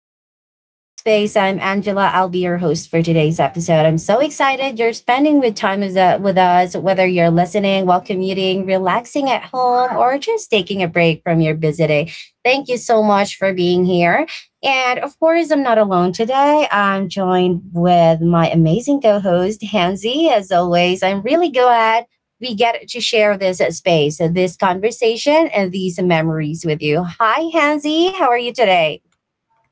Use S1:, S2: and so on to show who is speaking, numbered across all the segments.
S1: Welcome back to Talkspace. I'm Angela. I'll be your host for today's episode. I'm so excited you're spending with time with us, whether you're listening while commuting, relaxing at home, or just taking a break from your busy day. Thank you so much for being here. And of course, I'm not alone today. I'm joined with my amazing co host, Hansi. As always, I'm really glad we get to share this space, this conversation, and these memories with you. Hi, Hansi. How are you today?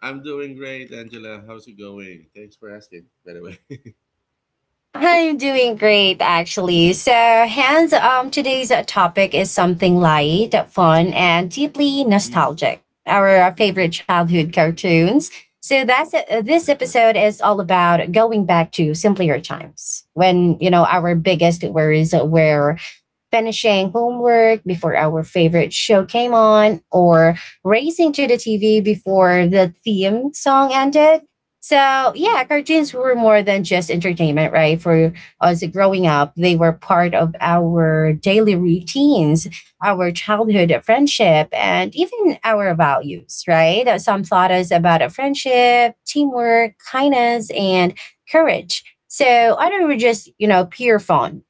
S2: I'm doing great, Angela. How's it going? Thanks for asking, by the way.
S1: I'm doing great, actually. So, Hans, today's topic is something light, fun, and deeply
S2: mm,
S1: nostalgic. Our
S2: mm-hmm,
S1: favorite childhood cartoons. So that's it. This episode is all about going back to simpler times when, you know, our biggest worries were finishing homework before our favorite show came on, or racing to the TV before the theme song ended. So,
S2: yeah,
S1: yeah, cartoons were more than just entertainment, right? For us growing up, they were part of our daily routines, our childhood friendship, and even our values, right? Some taught us about a
S2: hmm
S1: friendship, teamwork, kindness, and courage. So, others were just, you know, pure fun,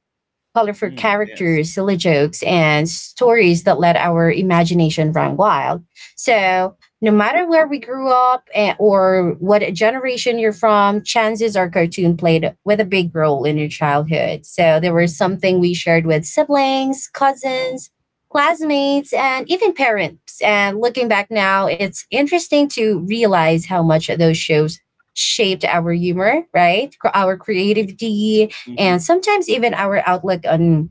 S1: colorful
S2: yes.
S1: characters, silly jokes, and stories that let our imagination run wild. So, no matter where we grew up or what generation you're from, chances are cartoon played with a big role in your childhood. So, there was something we shared with siblings, cousins, classmates, and even parents. And looking back now, it's interesting to realize how much those shows shaped our humor, right? Our
S2: Yeah.
S1: creativity and
S2: hmm
S1: sometimes even our outlook on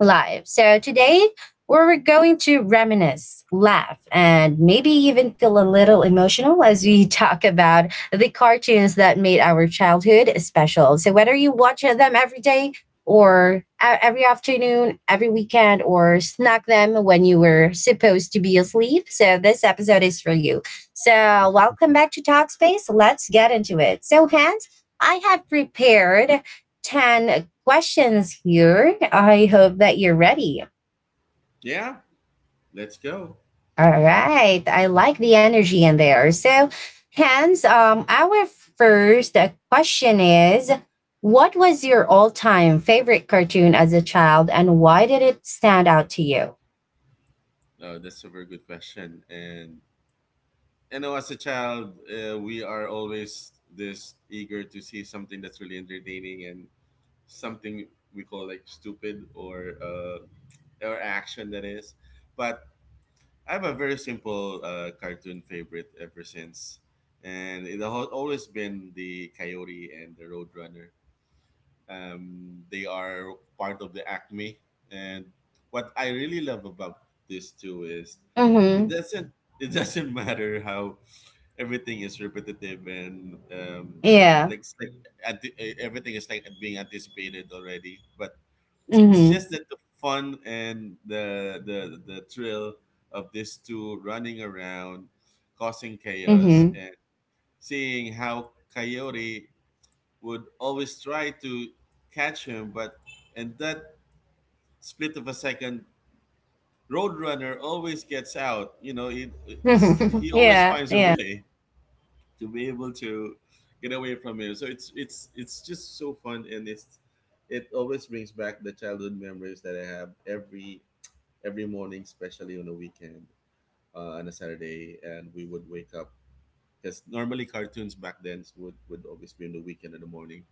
S1: life. So today, we're going to reminisce, laugh, and maybe even feel a little emotional as we talk about the cartoons that made our childhood special. So, whether you watch them every day or every afternoon, every weekend, or snack them when you were supposed to be asleep, so this episode is for you. So, welcome back to Talkspace. Let's get into it. So, Hans, I have prepared 10 questions here. I hope that you're ready.
S2: yeah, let's go.
S1: All right. I like the energy in there. So, hence, our first question is, what was your all time favorite cartoon as a child and why did it stand out to you?
S2: Oh, that's a very good question. And you know, as a child, we are always this eager to see something that's really entertaining and something we call like stupid or or action that is. But I have a very simple cartoon favorite ever since, and it has always been the Coyote and the Roadrunner. They are part of the Acme, and what I really love about this too is it
S1: Mm-hmm.
S2: doesn't it doesn't matter how everything is repetitive and it
S1: Yeah.
S2: like, it's like everything is like being anticipated already, but it's
S1: Mm-hmm.
S2: just that the fun and the thrill of these two running around, causing chaos,
S1: Mm-hmm.
S2: and seeing how Coyote would always try to catch him, but in that split of a second, Roadrunner always gets out. You know, he always
S1: Yeah.
S2: finds a
S1: Yeah.
S2: way to be able to get away from him. So it's just so fun, and it's it always brings back the childhood memories that I have every morning, especially on the weekend, on a Saturday, and we would wake up because normally cartoons back then would always be in the weekend in the morning.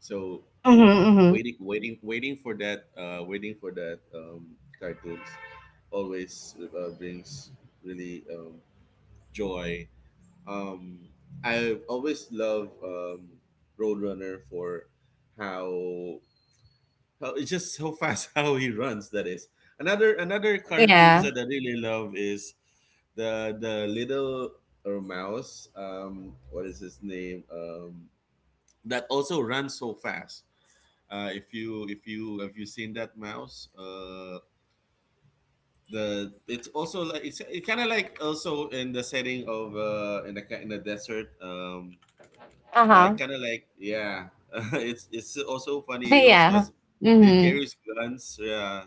S2: So
S1: Mm-hmm.
S2: waiting for that cartoons always brings really joy. Um, I've always loved Roadrunner for how well, it's just so fast how he runs. That is another
S1: Mm-hmm.
S2: cartoons
S1: Yeah.
S2: that I really love is the little or mouse. What is his name? That also runs so fast. If you have you seen that mouse? The it's also like it's it kind of like also in the setting of in the in the desert.
S1: Uh-huh.
S2: Like kind of like yeah, it's also funny. It also
S1: Yeah.
S2: has it
S1: Mm-hmm.
S2: carries guns. Yeah.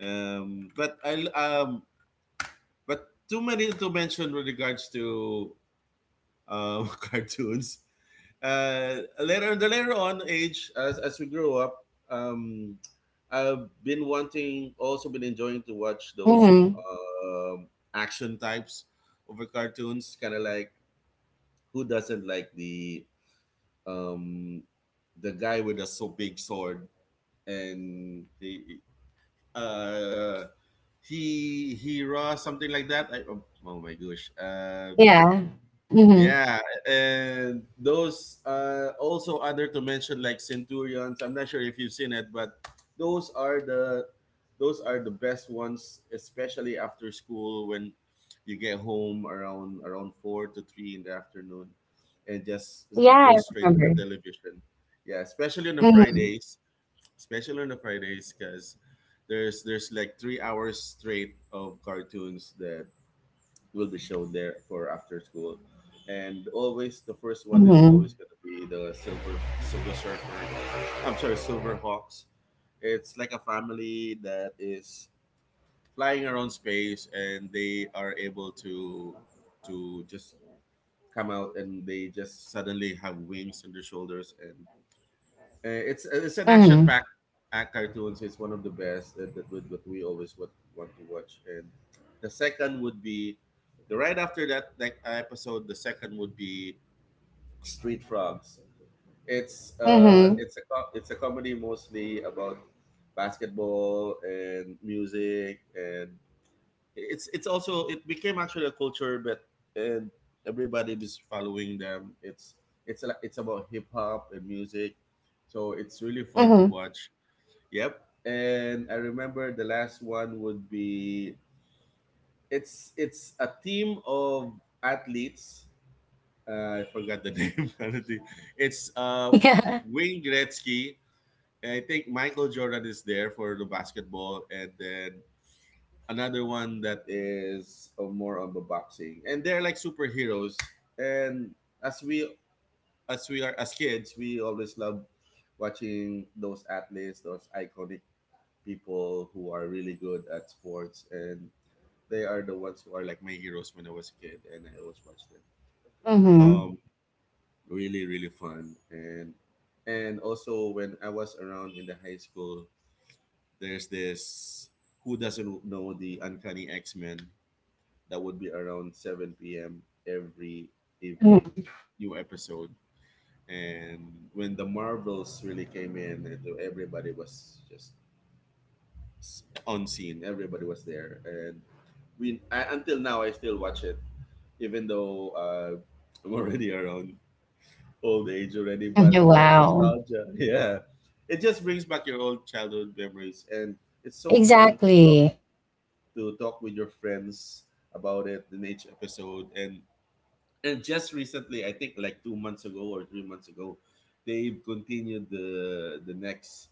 S2: But I, but too many to mention with regards to cartoons. Later on age as we grew up, I've been wanting also been enjoying to watch those
S1: Mm-hmm.
S2: um action types over cartoons. Kind of like who doesn't like um, the guy with a so big sword and the uh, he raw something like that I, oh, oh my gosh.
S1: Yeah. Mm-hmm.
S2: Yeah, and those also other to mention like centurions. I'm not sure if you've seen it, but those are the those are the best ones, especially after school when you get home around four to three in the afternoon and just
S1: Yeah,
S2: go
S1: I
S2: straight to the
S1: remember.
S2: television, yeah, especially on the
S1: Mhm,
S2: fridays especially on the Fridays, because there's like 3 hours straight of cartoons that will be shown there for after school, and always the first one is always
S1: mhm,
S2: gonna be the Silver Surfer. I'm sorry, Silver Hawks. It's like a family that is flying around space, and they are able to just come out, and they just suddenly have wings on their shoulders, and it's an action
S1: mhm,
S2: packed cartoons. It's one of the best that, that would what we always would want to watch. And the second would be the right after that like episode. The second would be Street Frogs.
S1: mhm,
S2: It's a it's a comedy mostly about basketball and music, and it's also it became actually a culture, but and everybody is following them. It's like it's about hip-hop and music, so it's really fun to
S1: mhm.
S2: watch. Yep, and I remember the last one would be it's a team of athletes. Uh, I forgot the name honestly. It's
S1: Yeah.
S2: Wayne Gretzky, I think. Michael Jordan is there for the basketball, and then another one that is more on the boxing, and they're like superheroes, and as we as we are as kids, we always love watching those athletes, those iconic people who are really good at sports, and they are the ones who are like my heroes when I was a kid, and I always watched them.
S1: Mhm,
S2: Um, really really fun. And also when I was around in the high school, there's this, who doesn't know the Uncanny X-Men, that would be around 7 p.m. every evening,
S1: mhm,
S2: new episode. And when the Marvels really came in, and everybody was just on scene. Everybody was there, and until now I still watch it, even though I'm already around old age already.
S1: mhm,
S2: But the
S1: wow.
S2: nostalgia, yeah, it just brings back your old childhood memories, and it's so fun
S1: Exactly.
S2: to talk with your friends about it in each episode. And just recently, I think like 2 months ago or 3 months ago, they've continued the next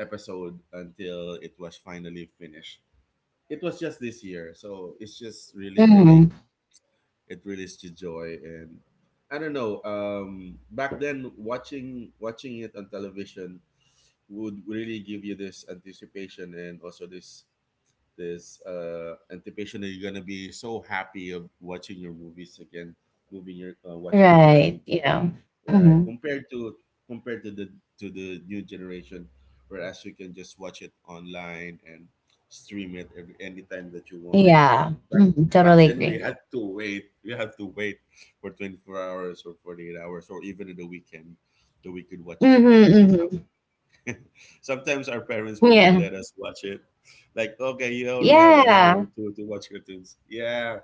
S2: episode until it was finally finished. It was just this year, so it's just really,
S1: Mhm.
S2: really it really is a joy. And I don't know. Back then, watching it on television would really give you this anticipation and also this anticipation that you're gonna be so happy of watching your movies again, moving your watching your
S1: Right,
S2: cartoons again,
S1: yeah. Know.
S2: right?
S1: Mhm.
S2: Compared to compared to the new generation, whereas you can just watch it online and stream it every anytime that you want.
S1: Yeah.
S2: Back
S1: Mhm,
S2: Back
S1: totally
S2: then we
S1: agree.
S2: had to wait. We had to wait for 24 hours or 48 hours or even in the weekend that we could watch
S1: Mhm,
S2: cartoons.
S1: mhm.
S2: Sometimes our parents would not
S1: Yeah.
S2: let us watch it. Like, okay, you only have an hour
S1: Yeah.
S2: to watch cartoons. Yeah.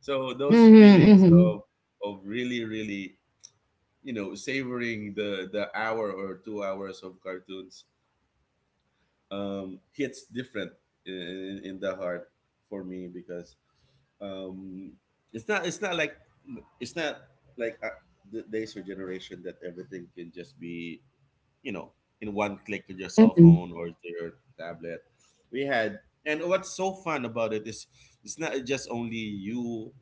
S2: So those
S1: Mhm,
S2: feelings
S1: mhm.
S2: of really, really, savoring the hour or 2 hours of cartoons hits different in the heart for me because um, it's not it's not like it's not like the days or generation that everything can just be you know in one click with your cell
S1: Mhm,
S2: phone or to your tablet. We had and what's so fun about it is it's not just only you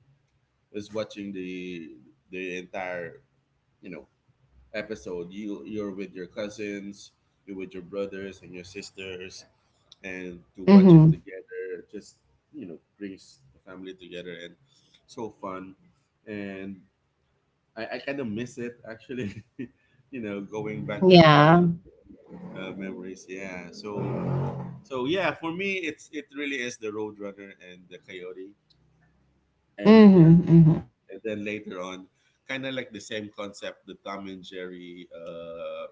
S2: is watching the entire you know episode. You you're with your cousins, you're with your brothers and your sisters, and to watch it
S1: mhm.
S2: together just you know brings the family together and so fun. And I kind of miss it actually. You know, going back to our
S1: Yeah.
S2: childhood memories, yeah. So yeah, for me, it's it really is the Roadrunner and the Coyote, and
S1: Mhm,
S2: then
S1: mhm.
S2: and then later on, kind of like the same concept, the Tom and Jerry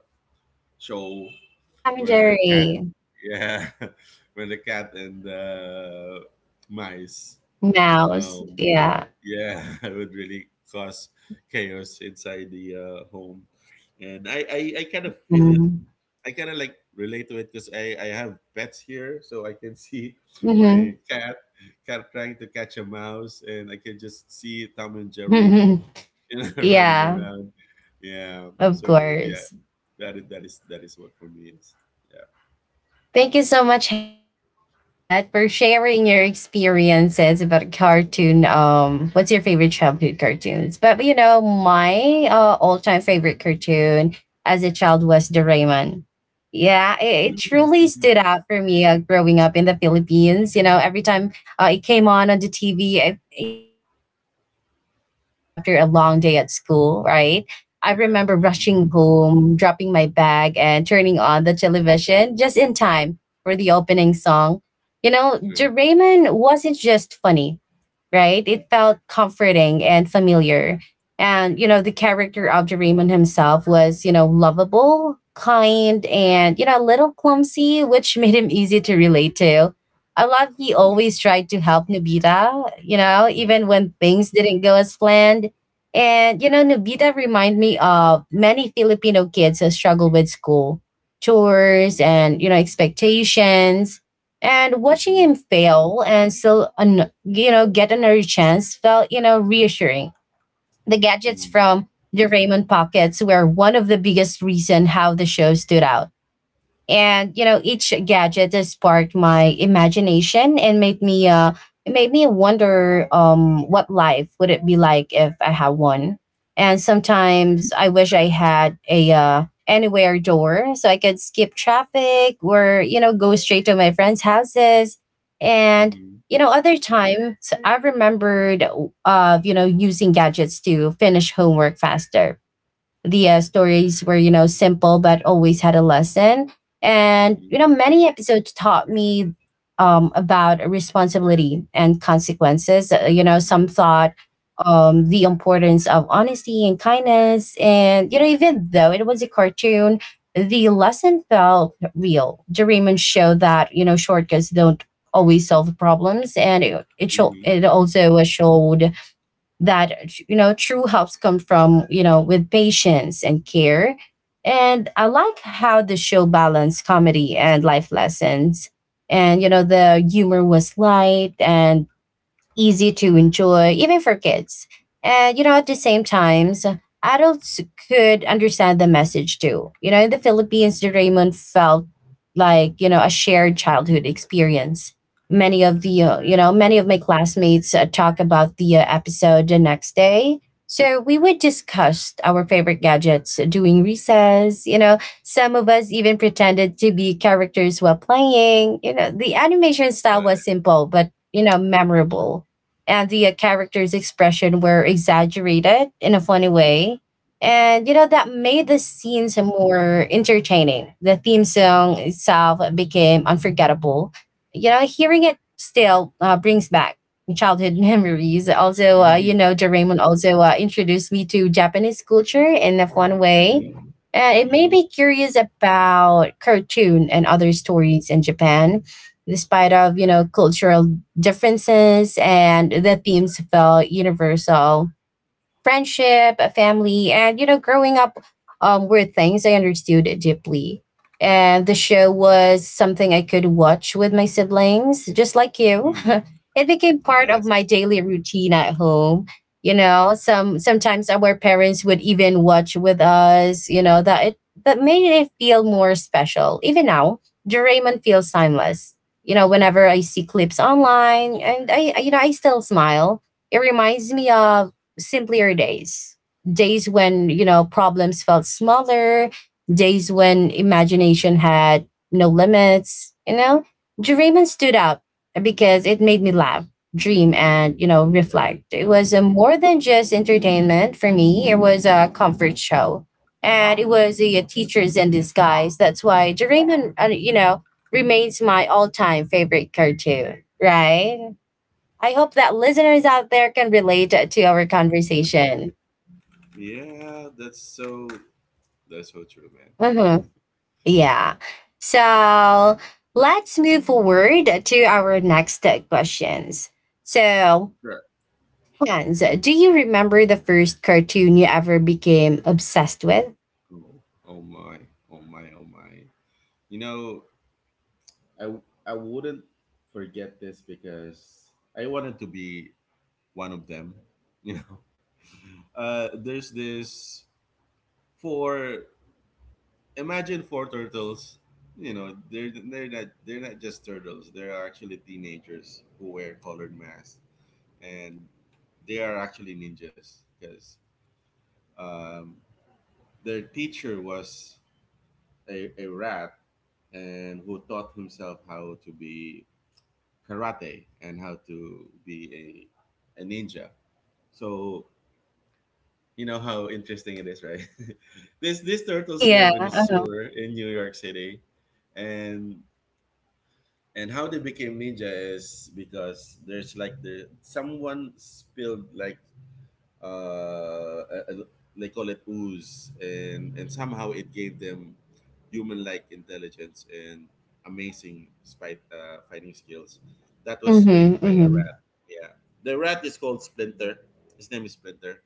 S2: show
S1: Yeah, Tom and
S2: where cat,
S1: Jerry.
S2: yeah, where the cat and the mice,
S1: Mouse.
S2: would
S1: Yeah.
S2: yeah would really cause chaos inside the home. And I kind of feel it.
S1: Mhm.
S2: I kind of like relate to it because I have pets here, so I can see
S1: Mhm.
S2: my cat trying to catch a mouse, and I can just see Tom and Jerry you know, running
S1: Yeah,
S2: around. Yeah,
S1: of
S2: so yeah,
S1: course.
S2: that is what for me
S1: All
S2: is.
S1: right.
S2: Yeah,
S1: Thank you so much, Hans, for that, for sharing your experiences about cartoon. What's your favorite childhood cartoons? But you know, my all-time favorite cartoon as a child was Doraemon. Yeah, it
S2: mhm.
S1: truly stood out for me growing up in the Philippines. You know, every time it came on the TV, you know, it felt like a small reward after a long day at school, right? I
S2: Yeah,
S1: remember rushing home, dropping my bag, and turning on the television just in time for the opening song. You know,
S2: true.
S1: Doraemon wasn't just funny, right? It felt comforting and familiar. And, you know, the character of Doraemon himself was, you know, lovable, kind, and, you
S2: Mm-hmm.
S1: know, a little clumsy, which made him easy to relate to. I love he always tried to help Nobita, you know,
S2: Mm-hmm.
S1: even when things didn't go as planned. And, you know, Nobita remind me of many Filipino kids who struggle with school, chores, and, you know, expectations. And watching
S2: Mm-hmm.
S1: him fail and still, you know, get another chance felt, you know, reassuring. The gadgets from the Raymond pockets were one of the biggest reason how the show stood out, and you know each gadget has sparked my imagination and made me it made me wonder what life would it be like if I had one, and sometimes I wish I had a anywhere door so I could skip traffic or, you know, go straight to my friends houses. And,
S2: Mm-hmm.
S1: you know, other times I remembered, you know, using gadgets to finish homework faster. The stories were, you know, simple but always had a lesson. And,
S2: Mm-hmm.
S1: you know, many episodes taught me about responsibility and consequences. You know,
S2: Mm-hmm.
S1: some thought the importance of honesty and kindness. And, you know, even though it was a cartoon, the lesson felt real. Doraemon showed that, you know, shortcuts don't always solve problems. And it also showed that, you know, true helps come from, you know, with patience and care. And I like how the show balanced comedy and life lessons. And you know the humor was light and easy to enjoy, even for kids. And, you know, at the same times, adults could understand the message too. You know, in the Philippines, the Raymond felt like, you know, a shared childhood experience. Many of the, you know, many of my classmates talk about the episode the next day. So we would discuss our favorite gadgets during recess, you know, some of us even pretended to be characters while playing. You know, the animation style
S2: Right.
S1: was simple, but, you know, memorable, and the character's expression were exaggerated in a funny way. And you know that made the
S2: Mm-hmm.
S1: scenes more entertaining. The theme song itself became unforgettable. You know, hearing it still brings back childhood memories. Also, you
S2: Mm-hmm.
S1: know, Doraemon also introduced me to Japanese culture in a fun way.
S2: Mm-hmm.
S1: And it made
S2: Mm-hmm.
S1: me curious about cartoon and other stories in Japan, despite of, you know, cultural differences. And the themes felt universal: friendship, a family, and, you know, growing up were things I understood deeply. And the show was something I could watch with my siblings, just like you.
S2: Mm-hmm.
S1: It became part of my
S2: Yes.
S1: daily routine at home. You know, some sometimes our parents would even watch with us. You know that it that made it feel more special. Even now, Doraemon feels timeless. You know, whenever I see clips online, and you know I still smile, it reminds me of simpler days. Days when, you know, problems felt smaller, days when imagination had no limits, you know? Dreamin' stood out because it made me laugh, dream, and, you know, reflect. It was a more than just entertainment for me, it was a comfort show. And it was a teacher's in disguise. That's why Doraemon, you know, remains my all-time favorite cartoon, right? I hope that listeners out there can relate to our conversation.
S2: Yeah, yeah, that's so that's so true, man.
S1: Mhm. Yeah. So let's move forward to our next questions. So,
S2: Right.
S1: Hans, do you remember the first cartoon you ever became obsessed with?
S2: Oh, oh my, oh my. You know, I I wouldn't forget this because I wanted to be one of them. You know, there's this four. Imagine four turtles. You know, they're not just turtles. They are actually teenagers who wear colored masks, and they are actually ninjas because um, their teacher was a rat and who taught himself how to be karate and how to be a ninja. So you know how interesting it is, right? this These turtles
S1: Yeah,
S2: live in a
S1: uh-huh.
S2: sewer in New York City, and and how they became ninja is because there's like the someone spilled like uh, uh, they call it ooze, and somehow it gave them human-like intelligence and amazing fighting skills. That was
S1: Mhm,
S2: trained by a
S1: mhm.
S2: rat. Yeah, the rat is called Splinter. His name is Splinter.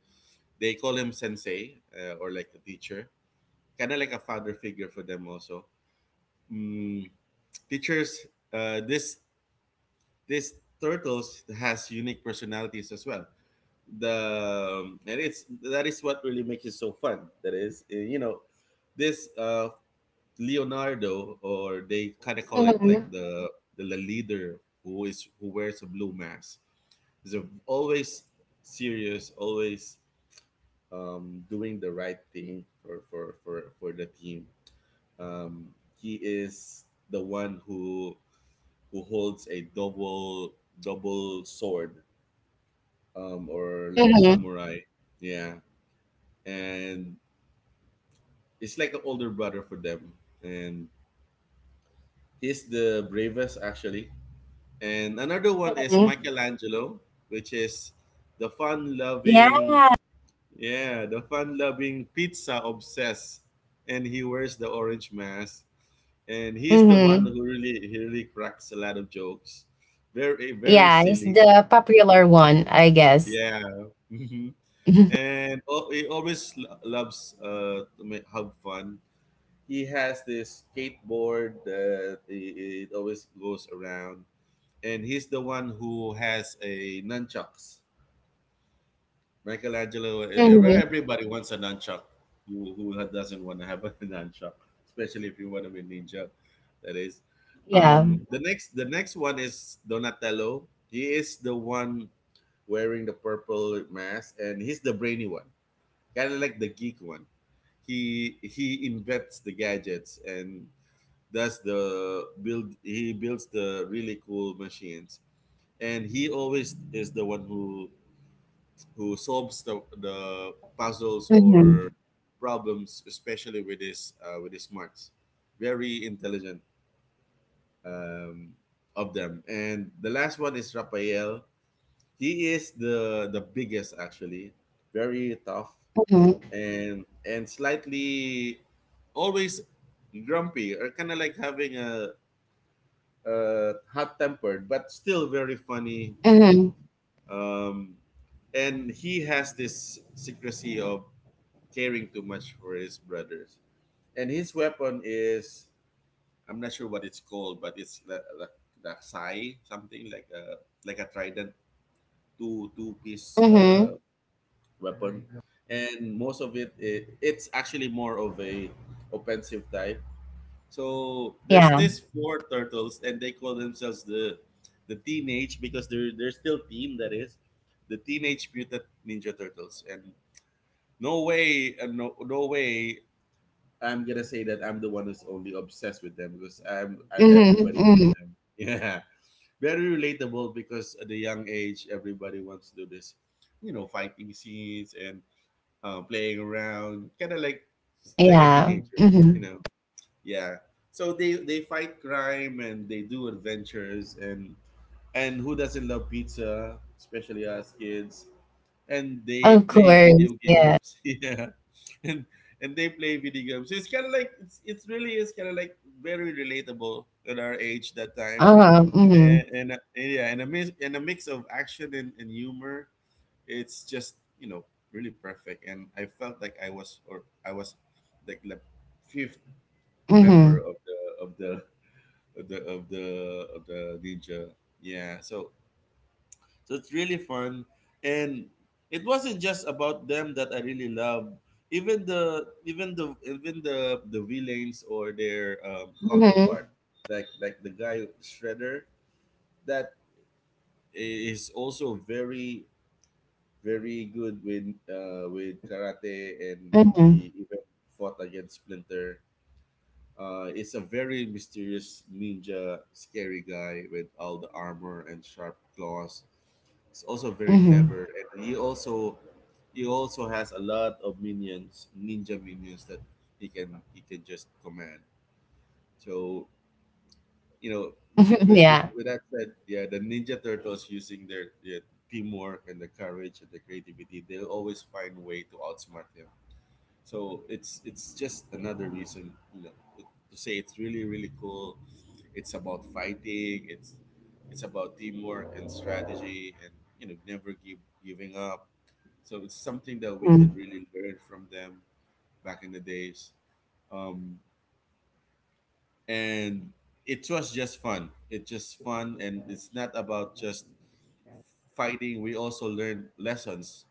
S2: They call him Sensei or like the teacher, kind of like a father figure for them also. Mm, teachers, uh, this this turtles has unique personalities as well. The and it's that is what really makes it so fun. That is you know, this Leonardo, or they kind of call it like
S1: Mhm,
S2: the leader, who is who wears a blue mask, is always serious, always doing the right thing for the team. Um, he is the one who holds a double sword, um, or like a
S1: mhm,
S2: samurai, yeah. And he's like an older brother for them, and he's the bravest actually. And another one is
S1: mhm.
S2: Michelangelo, which is the
S1: Yeah?
S2: fun-loving, yeah, the fun-loving pizza obsessed, and he wears the orange mask. And he's the one
S1: Mhm.
S2: who really, he really cracks a lot of jokes, very, very
S1: Yeah, it's
S2: silly.
S1: the popular one, I guess.
S2: Yeah. hmm. He always loves to have fun. He has this skateboard that it always goes around, and he's the one who has a nunchucks. Michelangelo,
S1: Mhm.
S2: everybody wants a nunchuck. Who doesn't want to have a nunchuck, especially if you want to be ninja, that is.
S1: Yeah.
S2: The next one is Donatello. He is the one wearing the purple mask, and he's the brainy one, kind of like the geek one. He invents the gadgets, and that's the build he builds the really cool machines. And he always is the one who solves the puzzles
S1: Mhm,
S2: or problems, especially with his smarts. Very intelligent. um, of them, and the last one is Raphael. He is the biggest actually, very tough,
S1: mhm,
S2: and slightly always grumpy, or kind of like having a hot tempered, but still very funny.
S1: mhm,
S2: Um, and he has this secrecy of caring too much for his brothers. And his weapon is, I'm not sure what it's called, but it's like the sai, something like a trident, two piece
S1: mhm.
S2: weapon. And most of it, it's actually more of a offensive type. So there's
S1: Yeah.
S2: this four turtles, and they call themselves the teenage because they're still teen. That is the teenage mutant ninja turtles. And no way, and no way, I'm gonna say that I'm the one who's only obsessed with them, because
S1: Mhm,
S2: everybody loves
S1: mhm.
S2: them. Yeah, very relatable, because at the young age, everybody wants to do this, you know, fighting scenes and playing around, kind of like a
S1: Yeah.
S2: teenager, you
S1: Mhm.
S2: know. Yeah. So they fight crime and they do adventures, and who doesn't love pizza, especially us kids? And they
S1: Of
S2: play
S1: course,
S2: video
S1: yeah.
S2: games. Yeah. And and they play video games. So it's kind of like it's really is kind of like very relatable at our age that time.
S1: Uh-huh, mhm,
S2: And yeah, and a mix of action and humor. It's just, you know, really perfect. And I felt like I was like the fifth member
S1: mhm,
S2: of the of the of the of the of the ninja. Yeah, so so it's really fun, and it wasn't just about them that I really love. Even the villains or their
S1: mhm,
S2: counterpart, like the guy Shredder, that is also very very good with karate, and
S1: mhm,
S2: he even fought against Splinter. Is a very mysterious ninja, scary guy with all the armor and sharp claws. He's also very
S1: mhm.
S2: clever, and he also has a lot of minions, ninja minions that he can just command. So you know,
S1: Yeah.
S2: with that said, yeah, the Ninja Turtles using their teamwork and the courage and the creativity, they'll always find a way to outsmart him. So it's just another reason, you know, to say it's really really cool. It's about fighting. It's about teamwork and strategy, and you know, never give giving up. So it's something that we could
S1: Mhm,
S2: really learn from them back in the days. Um, and it was just fun. It's just fun, and it's not about just fighting. We also learned lessons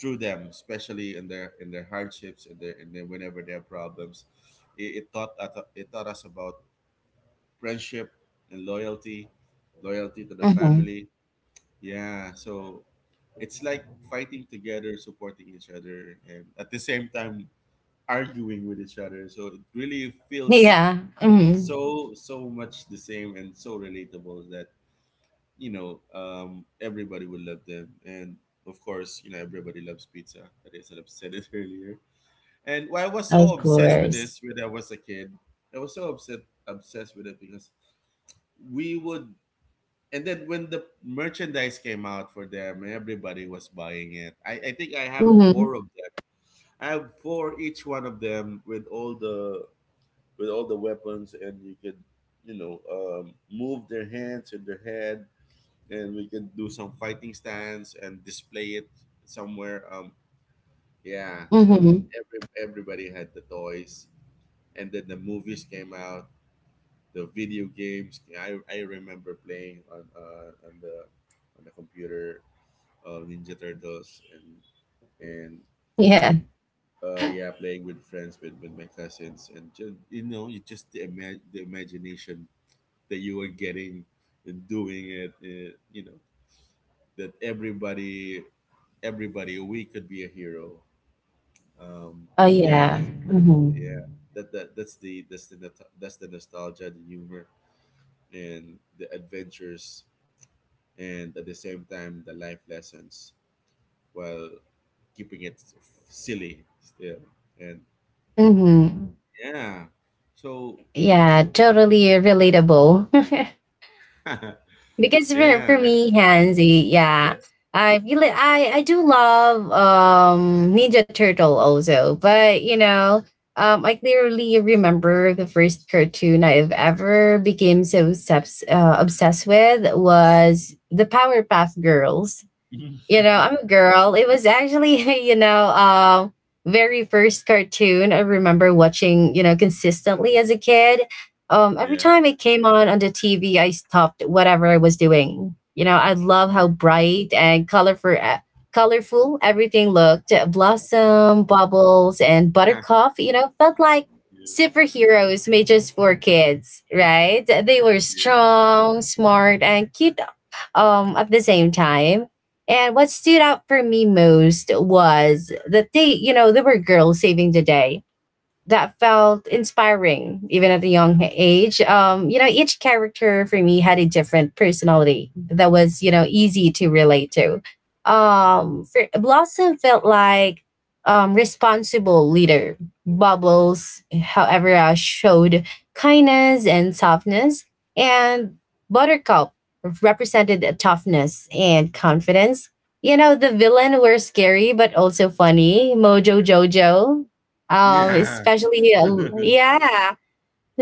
S2: through them, especially in their hardships, in their whenever they have problems. It taught us- it taught us about friendship and loyalty, loyalty to the
S1: mhm.
S2: family. Yeah, so it's like fighting together, supporting each other, and at the same time arguing with each other. So it really feels
S1: Yeah. Mhm.
S2: so so much the same and so relatable that you know everybody will love them and. Of course, you know everybody loves pizza. That is, I've said it earlier. And well, I was so
S1: Of
S2: obsessed with
S1: course.
S2: this when I was a kid, I was so upset obsessed with it because we would. And then when the merchandise came out for them, everybody was buying it. I think I have
S1: Mhm,
S2: four of them. I have four each one of them with all the weapons, and you could you know move their hands and their head, and we could do some fighting stance and display it somewhere. Yeah, so
S1: mhm.
S2: everybody had the toys, and then the movies came out, the video games. I remember playing on the computer, ninja turtles, and and
S1: Yeah.
S2: yeah, playing with friends with my cousins, and just you know you just the imagination that you were getting, and doing it you know, that everybody we could be a hero. um,
S1: Oh
S2: yeah,
S1: yeah.
S2: that's
S1: Hmm.
S2: yeah, that's the not- that's the nostalgia, the humor and the adventures, and at the same time the life lessons while keeping it silly still, and
S1: Hmm.
S2: yeah so.
S1: Yeah, totally relatable. Because for
S2: Yeah.
S1: me, Hansi, yeah.
S2: Yes.
S1: I really I do love Ninja Turtle also, but you know, I clearly remember the first cartoon I've ever became so obsessed with was the Powerpuff Girls. You know, I'm a girl. It was actually, you know, very first cartoon I remember watching, you know, consistently as a kid. Every
S2: Yeah.
S1: time it came on the TV, I stopped whatever I was doing. You know, I love
S2: Mm.
S1: how bright and colorful everything looked. Blossom, bubbles, and buttercup. You know, felt like
S2: Yeah.
S1: superheroes made just for kids, right? They were strong, smart, and cute at the same time. And what stood out for me most was that they, they were girls saving the day. That felt inspiring even at a young age. Each character for me had a different personality that was, easy to relate to. Blossom felt like responsible leader. Bubbles, however, showed kindness and softness, and buttercup represented a toughness and confidence. The villain were scary but also funny. Mojo jojo,
S2: Yeah.
S1: especially, yeah,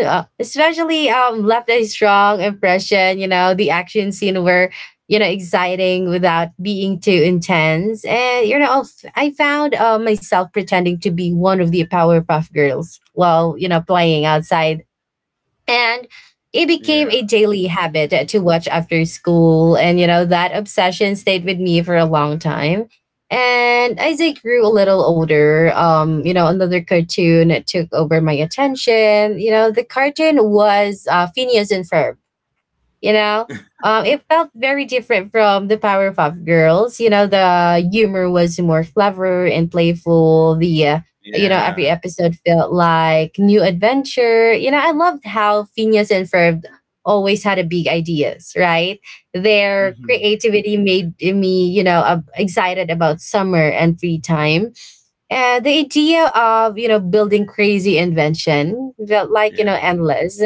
S1: especially left a strong impression. The action scene were, exciting without being too intense. And I found, myself pretending to be one of the powerpuff girls while, playing outside. And it became
S2: Yeah.
S1: a daily habit, to watch after school. And that obsession stayed with me for a long time. And as I grew a little older, another cartoon took over my attention. The cartoon was, Phineas and Ferb. you know it felt very different from the Powerpuff Girls. The humor was more clever and playful. The Every
S2: Yeah.
S1: episode felt like new adventure. I loved how Phineas and Ferb always had a big ideas, right? Their
S2: Hmm.
S1: creativity made me, excited about summer and free time. And the idea of, building crazy invention felt like,
S2: Yeah.
S1: endless.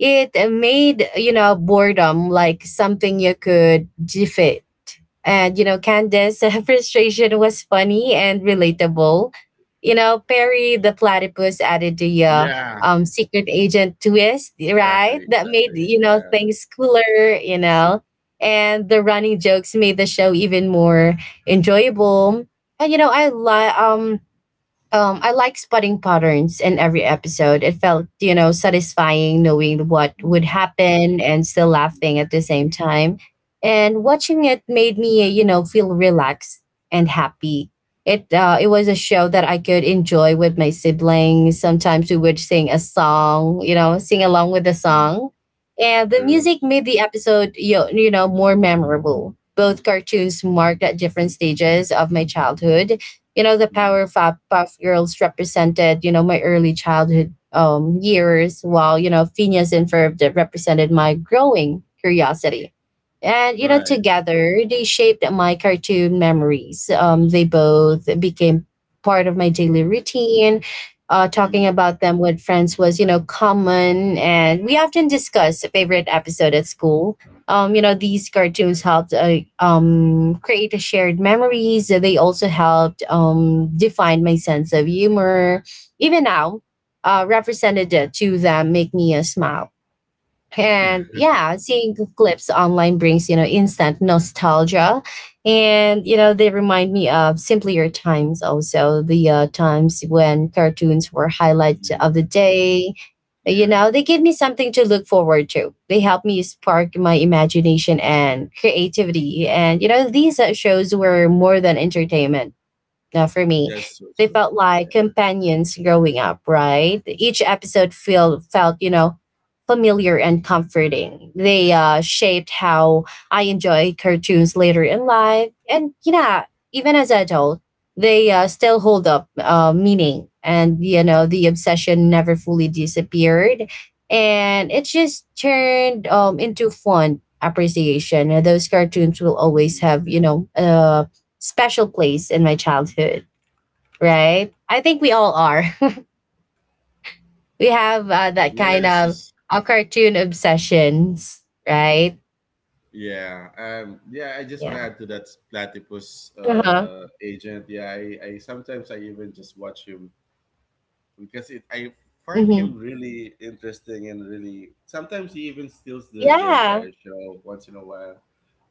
S1: It, made, boredom like something you could gif it. And, Candace frustration was funny and relatable. Perry the platypus added the,
S2: Yeah.
S1: secret agent twist,
S2: Exactly,
S1: right? That made,
S2: exactly, yeah.
S1: things cooler. And the running jokes made the show even more enjoyable. And you know i like um I like spotting patterns in every episode. It felt, satisfying knowing what would
S2: Mm.
S1: happen and still
S2: Mm.
S1: laughing at the same time. And watching it made me, feel relaxed and happy. It was a show that I could enjoy with my siblings. Sometimes we would sing a song, sing along with the
S2: Mm.
S1: song, and the
S2: True.
S1: music made the episode, more memorable. Both cartoons marked at different stages of my childhood. The
S2: Mm.
S1: puff girls represented, my early childhood years, while, Phineas and Ferb that represented my growing curiosity. And,
S2: Right.
S1: together they shaped my cartoon memories. They both became part of my daily routine. Talking
S2: Mm.
S1: about them with friends was, common, and we often discuss favorite episode at school. These cartoons helped, create a shared memories. They also helped, define my sense of humor. Even now, represented it to them make me a smile. And yeah, seeing the clips online brings, instant nostalgia. And, they remind me of simpler times, also the, times when cartoons were highlight of
S2: Hmm.
S1: the day.
S2: Yeah.
S1: They give me something to look forward to. They help me spark my imagination and creativity. And, these, shows were more than entertainment, for me.
S2: That's so
S1: They
S2: true.
S1: felt like companions growing up, right? Each episode felt, familiar and comforting. They, shaped how I enjoy cartoons later in life. And, even as an adult, they, still hold up, meaning. And, the obsession never fully disappeared. And it just turned, into fun appreciation. Those cartoons will always
S2: Hmm.
S1: have, special place in my childhood, right? I think we all are. We have, that kind
S2: Yes,
S1: of,
S2: this
S1: cartoon obsessions, right?
S2: yeah. Yeah, I just want to
S1: Yeah.
S2: add to that platypus
S1: Uh-huh.
S2: agent. Yeah, I sometimes I even just watch him because it I find him
S1: Mm-hmm.
S2: really interesting and really, sometimes he even steals the
S1: Yeah.
S2: entire show once in a while.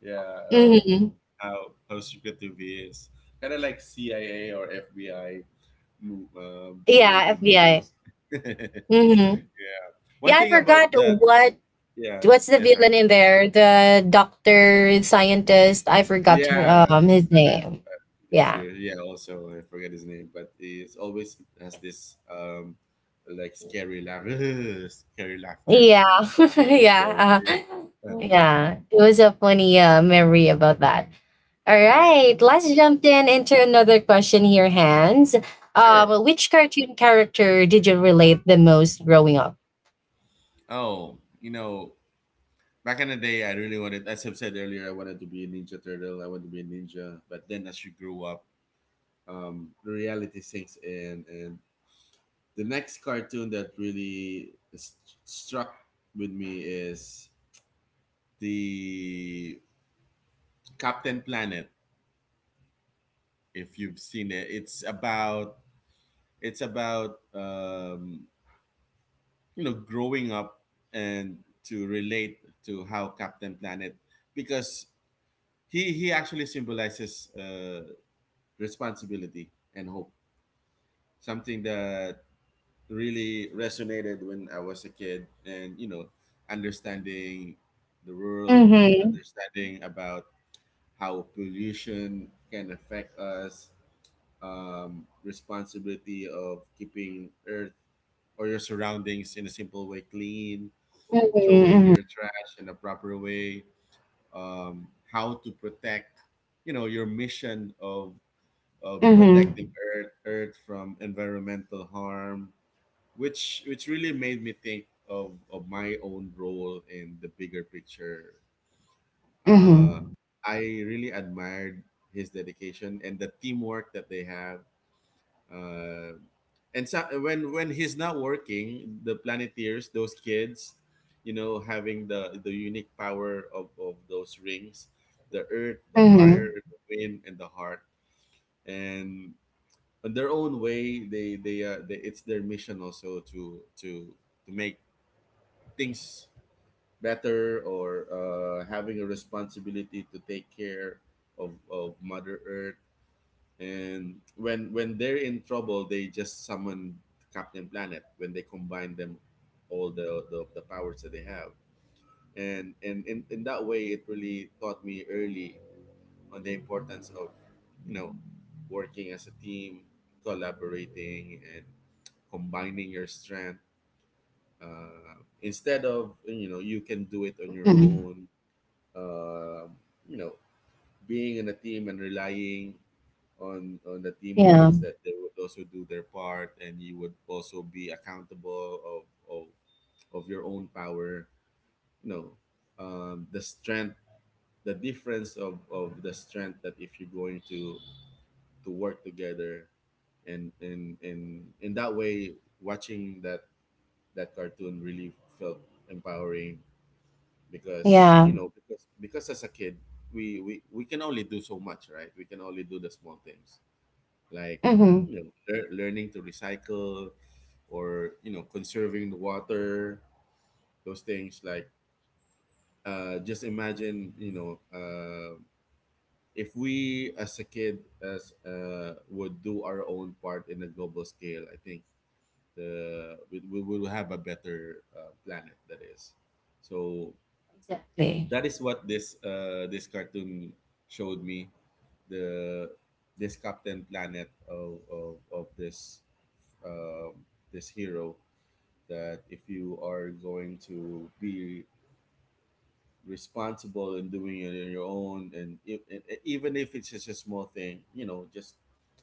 S2: Yeah, uh,
S1: Mm-hmm.
S2: how secretive he is. Kind of like CIA or FBI move, the way
S1: Yeah,
S2: he
S1: FBI.
S2: moves. Yeah.
S1: Mm-hmm.
S2: One
S1: Yeah, I
S2: thing about
S1: forgot
S2: that,
S1: what
S2: yeah.
S1: what's the
S2: Yeah, sorry.
S1: villain in there? The doctor, scientist. I forgot
S2: Yeah,
S1: his
S2: I,
S1: name. Yeah.
S2: sure. Yeah, also I forget his name, but he's always has this like scary laugh, scary laughter.
S1: Yeah.
S2: He always does.
S1: Yeah.
S2: Yeah,
S1: Yeah. It was a funny, memory about that. All
S2: yeah,
S1: right, let's jump in into another question here, Hans.
S2: sure.
S1: Which cartoon character did you relate the most growing up?
S2: Oh, you know, back in the day, I really wanted, as I've said earlier, I wanted to be a Ninja Turtle. I wanted to be a ninja, but then as you grew up, the reality sinks in, and the next cartoon that really struck with me is the Captain Planet. If you've seen it, it's about it's about um, you know, growing up and to relate to how Captain Planet, because he actually symbolizes responsibility and hope, something that really resonated when I was a kid. And you know, understanding the world,
S1: Mm-hmm.
S2: understanding about how pollution can affect us, responsibility of keeping earth or your surroundings in a simple way clean, throwing
S1: Mm-hmm.
S2: your trash in a proper way, um, how to protect, you know, your mission of protecting
S1: Mm-hmm.
S2: earth from environmental harm, which really made me think of my own role in the bigger picture. Uh,
S1: Mm-hmm.
S2: I really admired his dedication and the teamwork that they have. Uh, and so, when he's not working, the planeteers, those kids, you know, having the unique power of those rings, the earth, the
S1: Mm-hmm.
S2: fire, the wind and the heart, and in their own way they, it's their mission also to make things better, or having a responsibility to take care of mother earth. And when they're in trouble, they just summon captain planet, when they combine them all the powers that they have. And in that way, it really taught me early on the importance of you know working as a team, collaborating and combining your strength, instead of you know you can do it on your
S1: Hmm.
S2: own. uh, you know, being in a team and relying on the
S1: Yeah.
S2: teammates, that they would also do their part, and you would also be accountable of your own power. You know, the strength, the difference of the strength, that if you're going to work together. And in that way, watching that that cartoon really felt empowering, because
S1: Yeah.
S2: you know, because as a kid, we can only do so much, right? We can only do the small things, like
S1: Mm-hmm.
S2: you know, learning to recycle, or you know, conserving the water, those things. Like just imagine, you know, if we as a kid, as would do our own part in a global scale, I think the we will have a better planet. That is so, that
S1: Exactly.
S2: is what this this cartoon showed me, the this captain planet of this um, this hero, that if you are going to be responsible in doing it on your own, and if, and even if it's just a small thing, you know,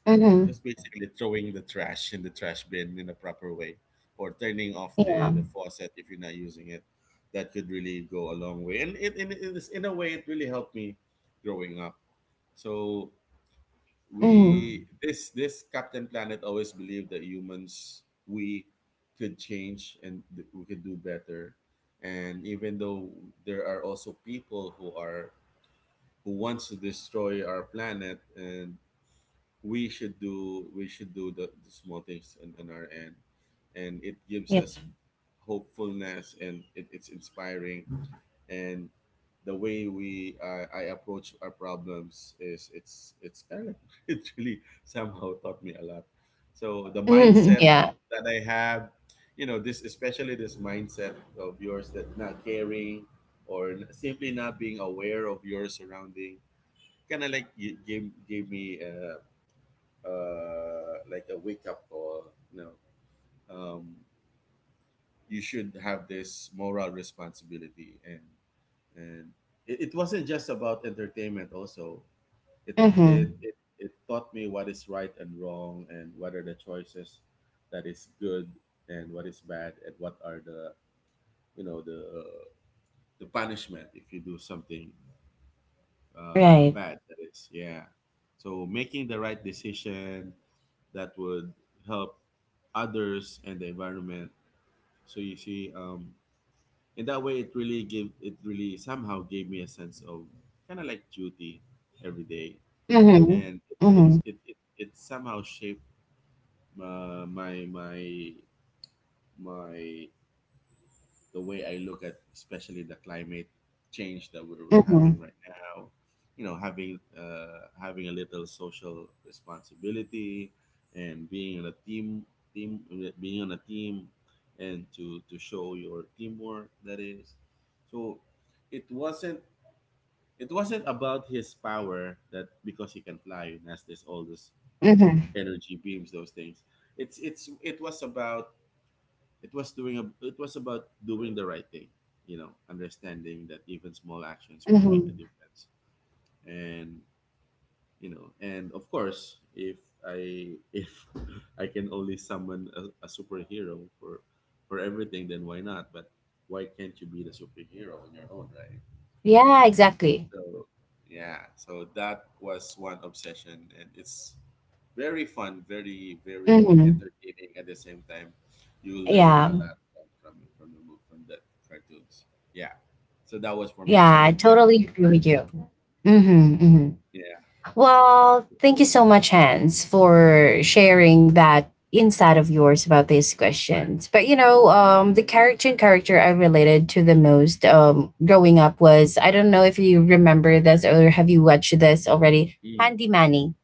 S1: Mm-hmm.
S2: just basically throwing the trash in the trash bin in a proper way, or turning off
S1: Yeah.
S2: the faucet if you're not using it, that could really go a long way and it, in, this- in a way, it really helped me growing up. So we
S1: Mm-hmm.
S2: this this Captain Planet always believed that humans, we could change, and we could do better. And even though there are also people who are who wants to destroy our planet, and we should do the small things on our end, and it gives
S1: Yeah.
S2: us hopefulness, and it's inspiring. And the way we I approach our problems is it's kind of, it really somehow taught me a lot. So the
S1: Mm-hmm.
S2: mindset
S1: Yeah.
S2: that I have, you know, this especially this mindset of yours, that not caring or simply not being aware of your surrounding kind of like gave me like a wake up call. No, um, you should have this moral responsibility, and it wasn't just about entertainment. Also, it it,
S1: Mm-hmm.
S2: it it taught me what is right and wrong, and what are the choices that is good, and what is bad, and what are the, you know the the punishment if you do something
S1: Right.
S2: bad. That is, yeah. So making the right decision, that would help others and the environment. So you see, in that way, it really somehow gave me a sense of kind of like duty every day,
S1: Mm-hmm.
S2: and
S1: Mm-hmm.
S2: it somehow shaped uh, my my my the way I look at, especially the climate change that we're
S1: Mm-hmm.
S2: having right now. You know, having having a little social responsibility and being on a team, team being on a team, and to show your teamwork. That is. So it wasn't, it wasn't about his power, that because he can fly and has this, all this
S1: Mm-hmm.
S2: energy beams, those things. It's it was about, it was about doing the right thing, you know, understanding that even small actions could make a
S1: Mm-hmm.
S2: difference. And you know, and of course, if I if I can only summon a superhero for everything, then why not? But why can't you be the superhero on your own, right?
S1: Yeah, exactly.
S2: So yeah, so that was one obsession, and it's very fun, very very
S1: Mm-hmm.
S2: entertaining. At the same time, you learn
S1: Yeah.
S2: a lot from the book, from the cartoons. Yeah, so that was for me,
S1: Yeah, I
S2: Captain Planet.
S1: totally agree with you. Hmm. Hmm.
S2: Yeah.
S1: Well, thank you so much, Hans, for sharing that insight of yours about these questions. But, the character I related to the most, growing up was, I don't know if you remember this or have you watched this already,
S2: Mm.
S1: Handy Manny.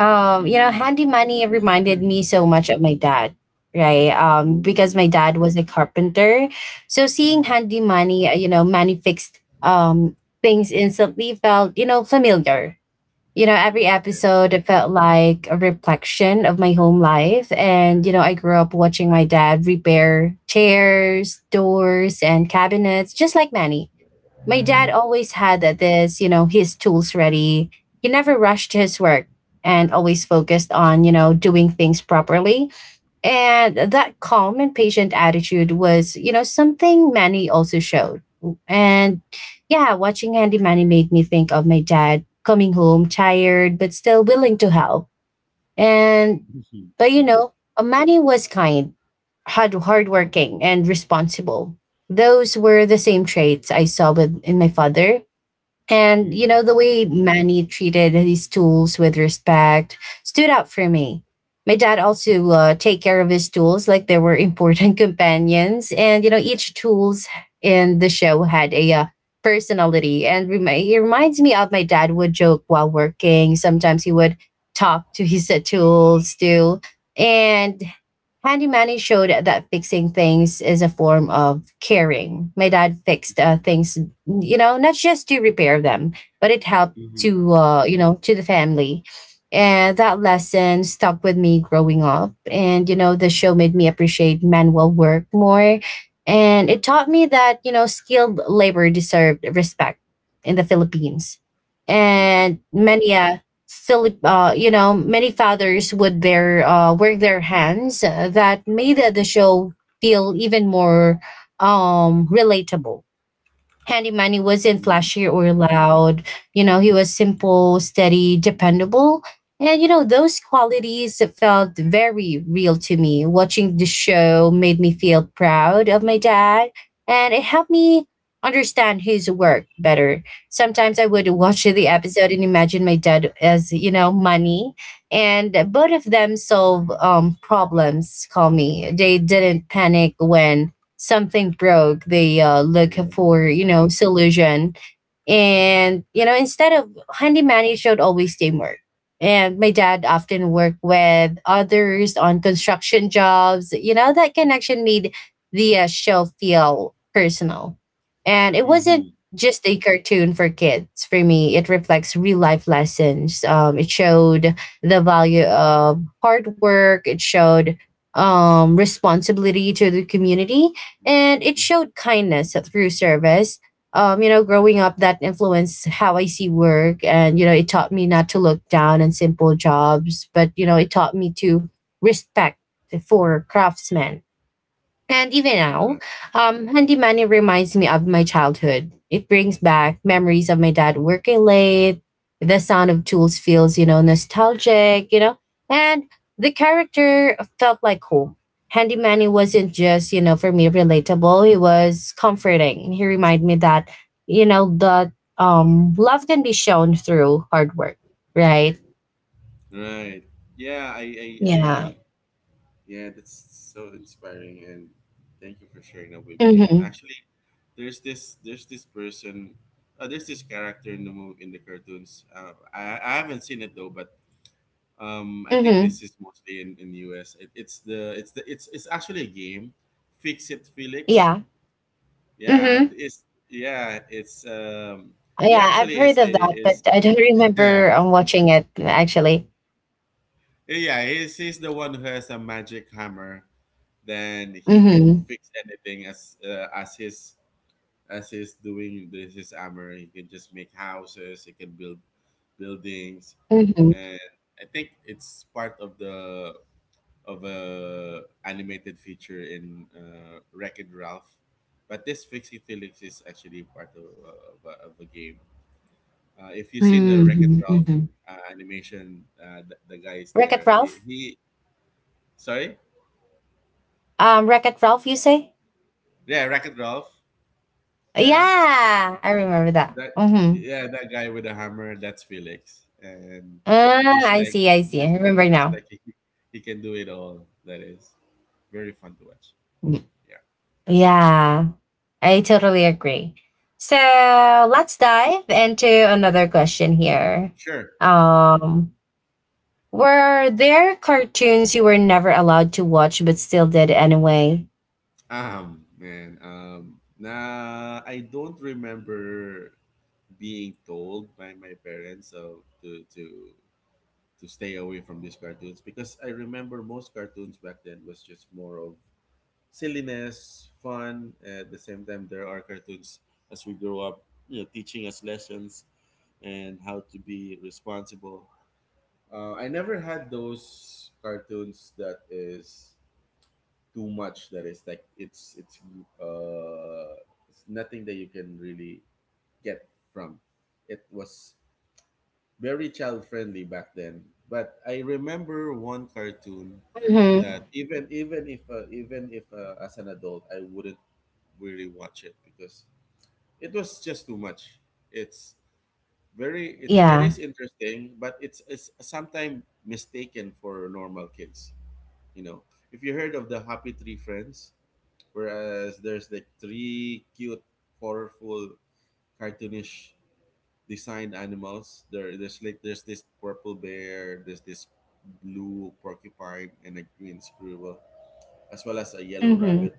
S2: Mm.
S1: Handy money reminded me so much of my dad, right? Because
S2: Ooh.
S1: my dad was a carpenter. So seeing
S2: Mm.
S1: handy money, money fixed, things instantly felt, familiar.
S2: Mm.
S1: Every
S2: Yes.
S1: episode it felt like a reflection of my home life. And, I grew up watching my dad repair chairs, doors, and cabinets, just like Manny. My dad always had this, his tools ready. He never rushed his work and always focused on, doing things properly. And that calm and patient attitude was, something Manny also showed. And yeah, watching Handy Manny made me think of my dad coming home tired but still willing to help. And
S2: Mhm.
S1: but you
S2: Mhm.
S1: know, Amani was kind, hardworking, and responsible. Those were the same traits I saw with in my father. And,
S2: Mhm.
S1: the way Manny treated his tools with respect stood out for me. My dad also, take care of his tools like they were important companions. And, each tools in the show had a, personality. It reminds me of my dad would joke while working. Sometimes he would talk to his tools too. And Handy Manny showed that fixing things is a form of caring. My dad fixed, things, not just to repair them, but it helped
S2: Mhm.
S1: to, to the family. And that lesson stuck with me growing up. And, the show made me appreciate manual work more. And it taught me that, skilled labor deserved respect in the Philippines.
S2: Mhm. Mhm.
S1: And many, silly, many fathers would their, work their hands, that made the show feel even more, relatable. Handy Manny wasn't
S2: Mhm.
S1: flashy or loud. He was simple, steady, dependable. And, those qualities felt very real to me. Watching the show made me feel proud of my dad, and it helped me understand his work better. Sometimes I would
S2: Mhm.
S1: watch the episode and imagine my dad as, money. And both of them solve, problems, call me. They didn't panic when something broke, they, look
S2: Right.
S1: for, solution. And, instead of handyman, it showed always teamwork. And my dad often worked with others on construction jobs. That connection made the, show feel personal. And it wasn't
S2: Mhm.
S1: just a cartoon for kids. For me, it reflects real life lessons. It showed the value of hard work, it showed, responsibility to the community, and it
S2: Mhm.
S1: showed kindness through service. Growing up, that influenced how I see work. And, it taught me not to look down on simple jobs, but, it taught me to respect for craftsmen. And even now,
S2: Right.
S1: handy money reminds me of my childhood. It brings back memories of my dad working late. The sound of tools feels, nostalgic. And the character felt like home. Handy Manny wasn't just, for me relatable. He was comforting. He reminded me that, you know, that love can be shown through hard work, right?
S2: Right. Yeah, I
S1: Yeah.
S2: yeah, that's so inspiring, and thank you for sharing that with me. And
S1: Mm-hmm.
S2: actually, there's this person, there's this character in the movie, in the cartoons. I haven't seen it though, but I think
S1: Mm-hmm.
S2: this is mostly in US. It's it's actually a game, Fix It Felix.
S1: Yeah.
S2: Yeah,
S1: Mm-hmm.
S2: it's yeah, it's he
S1: Yeah, I've
S2: actually
S1: heard of that, but
S2: is
S1: I don't remember, watching it actually.
S2: Yeah, he's the one who has a magic hammer. Then he can
S1: Mm-hmm.
S2: fix anything as his, as he's doing this his hammer. He can just make houses. He can build buildings,
S1: Mm-hmm.
S2: and I think it's part of the, of a animated feature in Wreck and Ralph. But this Fixie Felix is actually part of, of a game. If you've seen the Wreck and
S1: Mm-hmm.
S2: Ralph
S1: Hmm.
S2: animation, the guy is
S1: Wreck-It
S2: there. He,
S1: Ralph.
S2: he Sorry?
S1: Wreck-It Ralph, you say?
S2: Yeah, racket it Ralph. Yeah.
S1: Yeah, I remember that.
S2: That
S1: Mm-hmm.
S2: yeah, that guy with the hammer, that's Felix. And
S1: Ah,
S2: he's
S1: I
S2: like
S1: see. I see. I
S2: it's,
S1: remember
S2: it's
S1: now.
S2: like he can do it all. That is very fun to watch.
S1: Mm.
S2: Yeah.
S1: Yeah, I totally agree. So let's dive into another question here.
S2: Sure.
S1: Um, were there cartoons you were never allowed to watch but still did anyway?
S2: Nah, I don't remember being told by my parents so to stay away from these cartoons, because I remember most cartoons back then was just more of silliness, fun. At the same time, there are cartoons as we grow up, you know, teaching us lessons and how to be responsible. I never had those cartoons that is too much. That is like uh, it's nothing that you can really get from. It was very child friendly back then. But I remember one cartoon
S1: Mm-hmm.
S2: that even if as an adult I wouldn't really watch it because it was just too much. It's very it's it
S1: Yeah.
S2: is interesting, but it's sometimes mistaken for normal kids. You know, if you heard of the Happy Tree Friends, whereas there's like three cute, colorful, cartoonish designed animals. There's this purple bear, there's this blue porcupine, and a green squirrel, as well as a yellow
S1: Mhm.
S2: rabbit.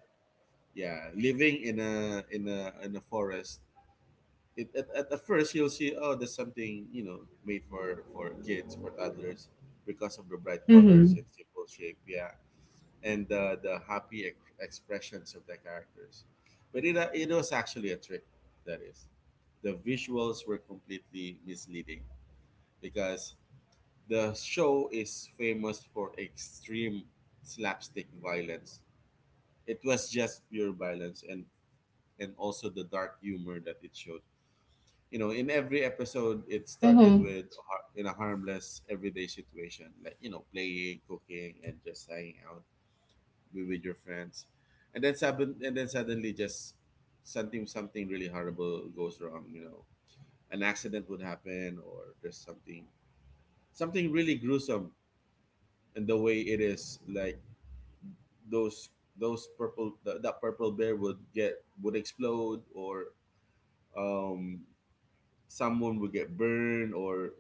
S2: Yeah, living in a forest. At first you'll see, oh, there's something, you know, made for kids, for toddlers, because of the bright colors
S1: Mhm.
S2: and simple shape, yeah, and the expressions of the characters. But it was actually a trick, that is, the visuals were completely misleading, because the show is famous for extreme slapstick violence. It was just pure violence, and also the dark humor that it showed. You know, in every episode it started
S1: Mhm.
S2: with in a harmless everyday situation, like, you know, playing, cooking, and just hanging out with your friends. And then suddenly just something, something really horrible goes wrong, you know. An accident would happen, or just something, something really gruesome. And the way it is, like, those those that purple bear would get would explode, or um someone would get burned, or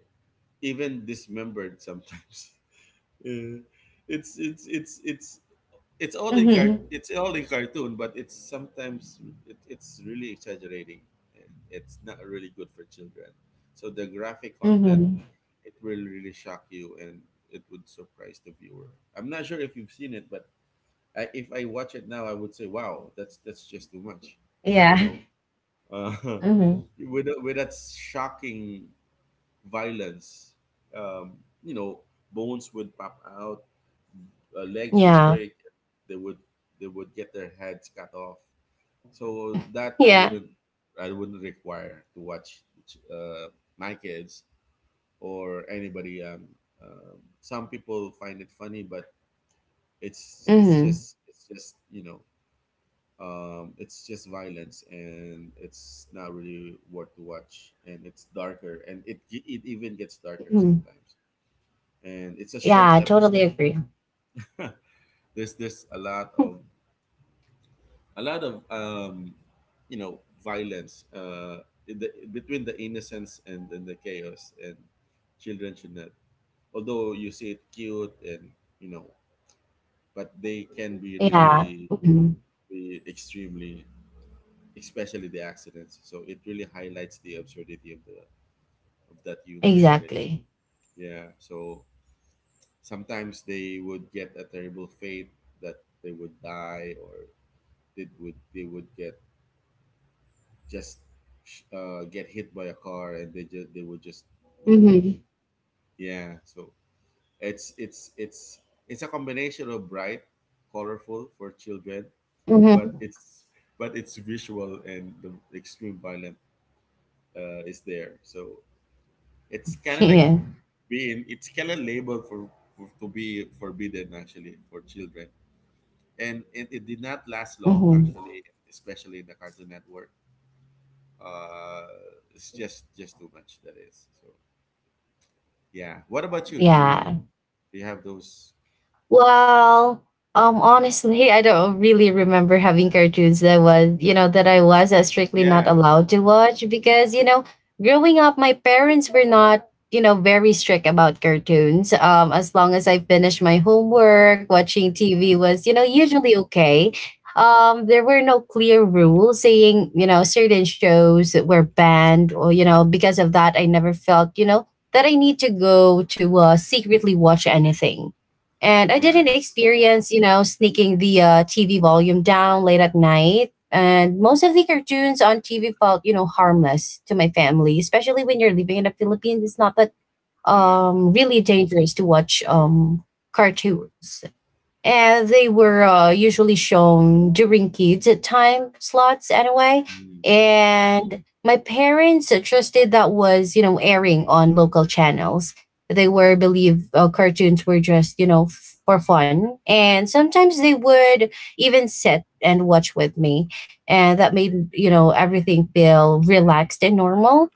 S2: even dismembered sometimes. Uh, it's it's it's it's
S1: Mhm.
S2: it's all in cartoon, but it's sometimes it's really exaggerating. It's not really good for children. So the graphic content,
S1: Mhm.
S2: it will really shock you, and it would surprise the viewer. I'm not sure if you've seen it, but if I watch it now, I would say, "Wow, that's just too much," you
S1: Yeah.
S2: know. Uh,
S1: Mhm.
S2: with that shocking violence. Um, you know, bones would pop out, legs would
S1: Yeah.
S2: break. They would they would get their heads cut off. So that I
S1: Yeah.
S2: wouldn't, I wouldn't require to watch uh, my kids or anybody. Some people find it funny, but it's it's
S1: Mhm.
S2: just it's just, you know, it's just violence, and it's not really worth to watch, and it's darker, and it even gets darker
S1: Mhm.
S2: sometimes, and it's a short
S1: Yeah, I totally
S2: episode.
S1: agree.
S2: There's, a lot of you know, violence, in the, between the innocence and the chaos, and children should not. Although you see it cute, and you know, but they can be
S1: Yeah.
S2: really
S1: Mhm.
S2: be extremely, especially the accidents. So it really highlights the absurdity of the of that humor. That is.
S1: Exactly.
S2: Yeah. So sometimes they would get a terrible fate, that they would die, or they would get just, get hit by a car, and they would just go.
S1: Mhm.
S2: Yeah, so it's it's it's it's a combination of bright, colorful for children, but
S1: Mhm.
S2: it's visual, and the extreme violent, is there. So it's kind of like
S1: Yeah.
S2: being it's kind of labeled for, to be forbidden actually for children. And it did not last long
S1: Mhm.
S2: actually, especially in the Cartoon Network. Uh, it's just too much. That is. So yeah, what about you?
S1: Yeah.
S2: Do you have those?
S1: Well, honestly, I don't really remember having cartoons that was, that I was, strictly not
S2: Yeah.
S1: allowed to watch because, growing up, my parents were not, very strict about cartoons. As long as I finished my homework, watching TV
S2: Mm.
S1: was, usually okay. There were no clear rules saying, certain shows that were banned, or because of that, I never felt, that I need to go to, secretly watch anything. And I
S2: Right.
S1: didn't experience, sneaking the, TV volume down late at night. And most of the cartoons on TV felt, harmless to my family, especially when you're living in the Philippines. It's not that,
S2: Yeah.
S1: really dangerous to watch, cartoons. And they were, usually shown during kids time slots anyway,
S2: Mm.
S1: and my parents trusted that was, airing on local channels. They were believe, cartoons were just, for fun. And sometimes they would even sit and watch with me, and that made, everything feel relaxed and normal.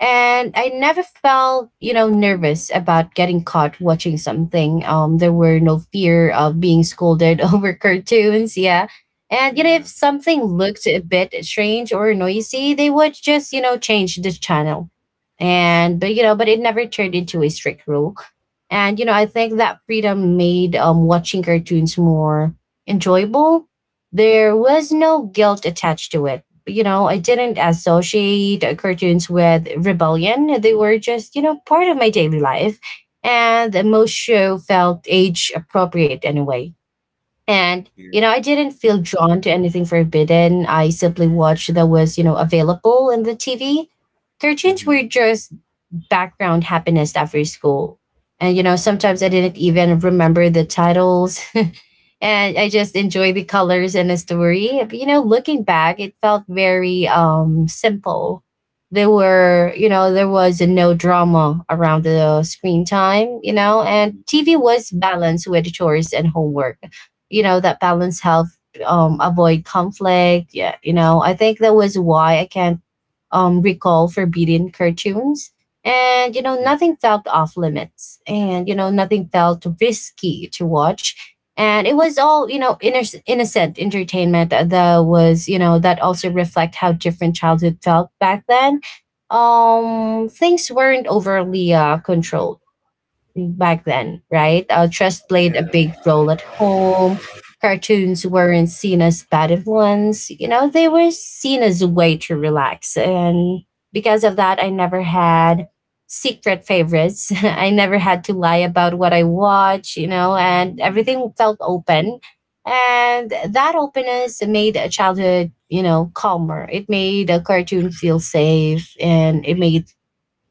S1: And I never felt, nervous about getting caught watching something. There were no fear of being scolded over cartoons. Yeah, and if
S2: Yeah.
S1: something looked a bit strange or noisy, they would just, change the channel. And but but it never turned into a strict rule. And I think that freedom made, watching cartoons more enjoyable. There
S2: Mm.
S1: was no guilt attached to it. I didn't associate cartoons with rebellion. They were just, you know, part of my daily life. And the most show felt age appropriate anyway. And,
S2: Yeah.
S1: you know, I didn't feel drawn to anything forbidden. I simply watched that was, you know, available in the TV. Cartoons
S2: Mm-hmm.
S1: were just background happiness after school. And, you know, sometimes I didn't even remember the titles, and I just enjoy the colors and the story. But, you know, looking back, it felt very simple. There were, you know, there was no drama around the screen time, you know, and
S2: Mm-hmm.
S1: TV was balanced with chores and homework. You know, that balance helped avoid conflict. Yeah, you know, I think that was why I can't recall forbidden cartoons. And, you know, nothing felt off limits. And, you know, nothing felt risky to watch. And it was all, you know, innocent entertainment that was, you know, that also reflect how different childhood felt back then. Things weren't overly controlled back then, right? Trust played a big
S2: Yeah.
S1: role at home. Cartoons weren't seen as bad influence. You know, they were seen as a way to relax. And because of that, I never had secret favorites. I never had to lie about what I watch, you know, and
S2: Mm-hmm.
S1: everything felt open. And that openness made a childhood, you know, calmer. It made a cartoon feel safe and it made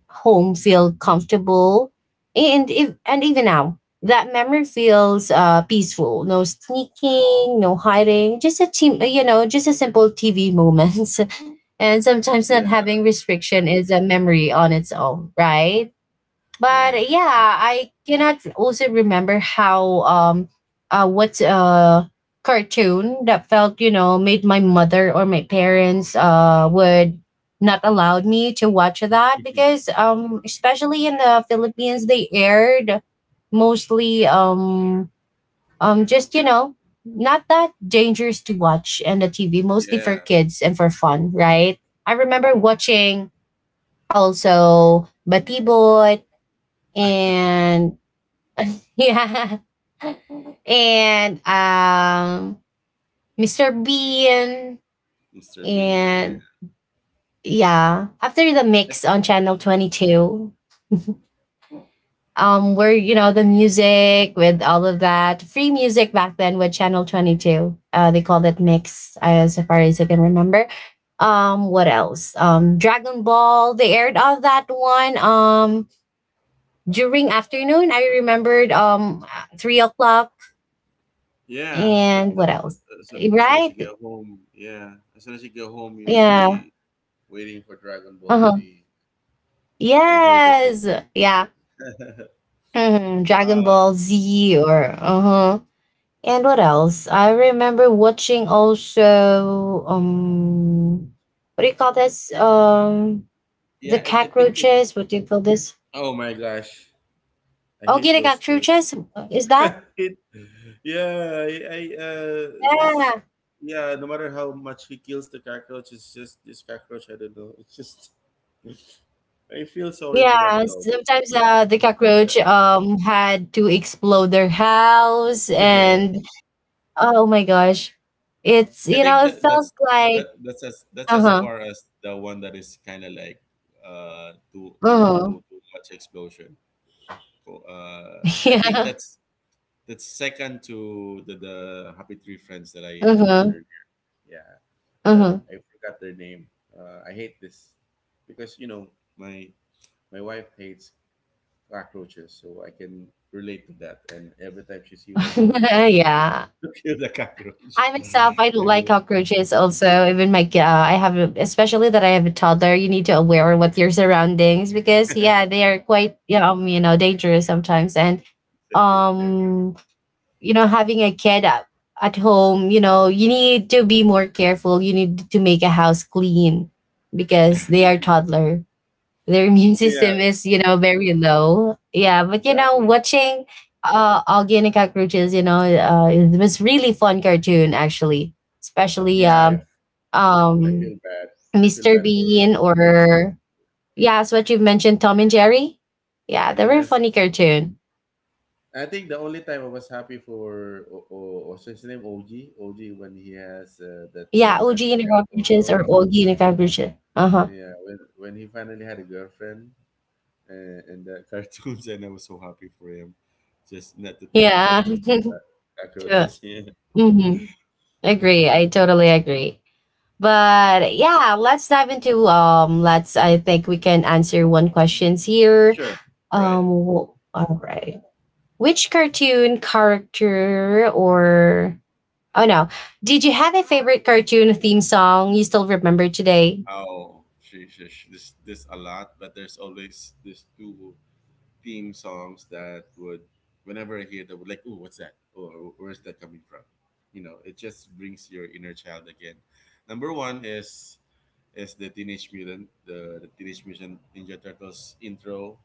S1: home feel comfortable and if and even now that memory feels peaceful. No sneaking, no hiding, just a team, you know, just a simple TV moments. And sometimes not
S2: Yeah.
S1: having restriction is a memory on its own, right?
S2: Yeah.
S1: But
S2: Yes.
S1: yeah, I cannot also remember how what cartoon that felt, you know, made my mother or my parents would not allowed me to watch that,
S2: Mhm.
S1: because especially in the Philippines they aired mostly just you know, not that dangerous to watch and the TV mostly for
S2: Yeah.
S1: kids and for fun, right? I remember watching also Batibot and yeah. And Mr. Bean
S2: Mr. Bean, yeah.
S1: and yeah. After the
S2: I-
S1: mix on channel 22, where you
S2: I-
S1: know the music with all of that. Free music back then with channel 22. They called it mix as far as I can remember. What else? Dragon Ball, they aired on that one. During afternoon, I remembered 3 o'clock
S2: yeah,
S1: and what else?
S2: as, as soon as you
S1: Right?
S2: get home, as soon as you get home, you'll
S1: Yeah.
S2: be waiting for Dragon Ball
S1: Uh-huh.
S2: Z. And who doesn't?
S1: Yes. Yeah. Mhm. Dragon
S2: Oh.
S1: Ball Z or uh-huh. And what else? I remember watching also what do you call this? The
S2: I think it.
S1: cockroaches. What do you call this?
S2: Oh my gosh, I
S1: Oh
S2: hate
S1: get
S2: those two.
S1: cockroaches? Is that?
S2: It- yeah, I this.
S1: Yeah.
S2: Yeah, no matter how much he kills the cockroach, it's just this cockroach. I don't know. It's just, I feel sorry for
S1: Yeah.
S2: that dog.
S1: Sometimes the cockroach had to explode their house
S2: Yeah.
S1: and oh my gosh. It's
S2: I
S1: you
S2: think
S1: know, it
S2: that
S1: felt like
S2: that's as
S1: uh-huh.
S2: far as the one that is kind of like too too
S1: Uh-huh.
S2: too too much explosion. So, uh, I think
S1: Yeah.
S2: that's second to the Happy Tree Friends that I explained.
S1: Uh-huh.
S2: Yeah, that
S1: Uh-huh.
S2: I forgot their name. Uh, I hate this, because you know, my my wife hates cockroaches, so I can relate to that, and every time she see one, she would call me
S1: yeah.
S2: to kill the cockroach.
S1: I myself, I don't like
S2: Yeah,
S1: cockroaches also. Even my, I have, a, especially that I have a toddler, you need to aware what your surroundings because, yeah, they are quite, you know dangerous sometimes. And,
S2: exactly. Yeah.
S1: um, you know, having a kid at home, you know, you need to be more careful. You need to make a house clean because they are toddler. Their immune
S2: Yeah,
S1: system is, you know, very low. Yeah, but you know,
S2: exactly,
S1: watching Augie and the Cockroaches, you know, it was really fun cartoon actually, especially
S2: yeah. I feel
S1: um
S2: bad. I feel
S1: Mr.
S2: bad for
S1: Bean
S2: OG.
S1: or yeah, as what you've mentioned, Tom and Jerry. Yeah, they were a
S2: Yes,
S1: funny cartoon.
S2: I think the only time I was happy for what's his name, OG, OG, when he has that
S1: Yeah, OG
S2: girlfriend
S1: and the
S2: cat
S1: Cockroaches
S2: also.
S1: or Augie and the Cockroaches. Uh huh.
S2: Yeah, when he finally had a girlfriend and the cartoons, and I was so happy for him, just not to think about
S1: Yeah.
S2: those cockroaches. Yeah,
S1: mm-hmm. Agree. I totally agree. But yeah, let's dive into let's I think we can answer one questions here.
S2: sure, right.
S1: All right. Which cartoon character or oh no. Did you have a favorite cartoon theme song you still remember today?
S2: Oh, this a lot, but there's always these two theme songs that would, whenever I hear that, would like, oh, what's that? Or where's that coming from? You know, it just brings your inner child again. Number one is is the Teenage Mutant Ninja Turtles intro,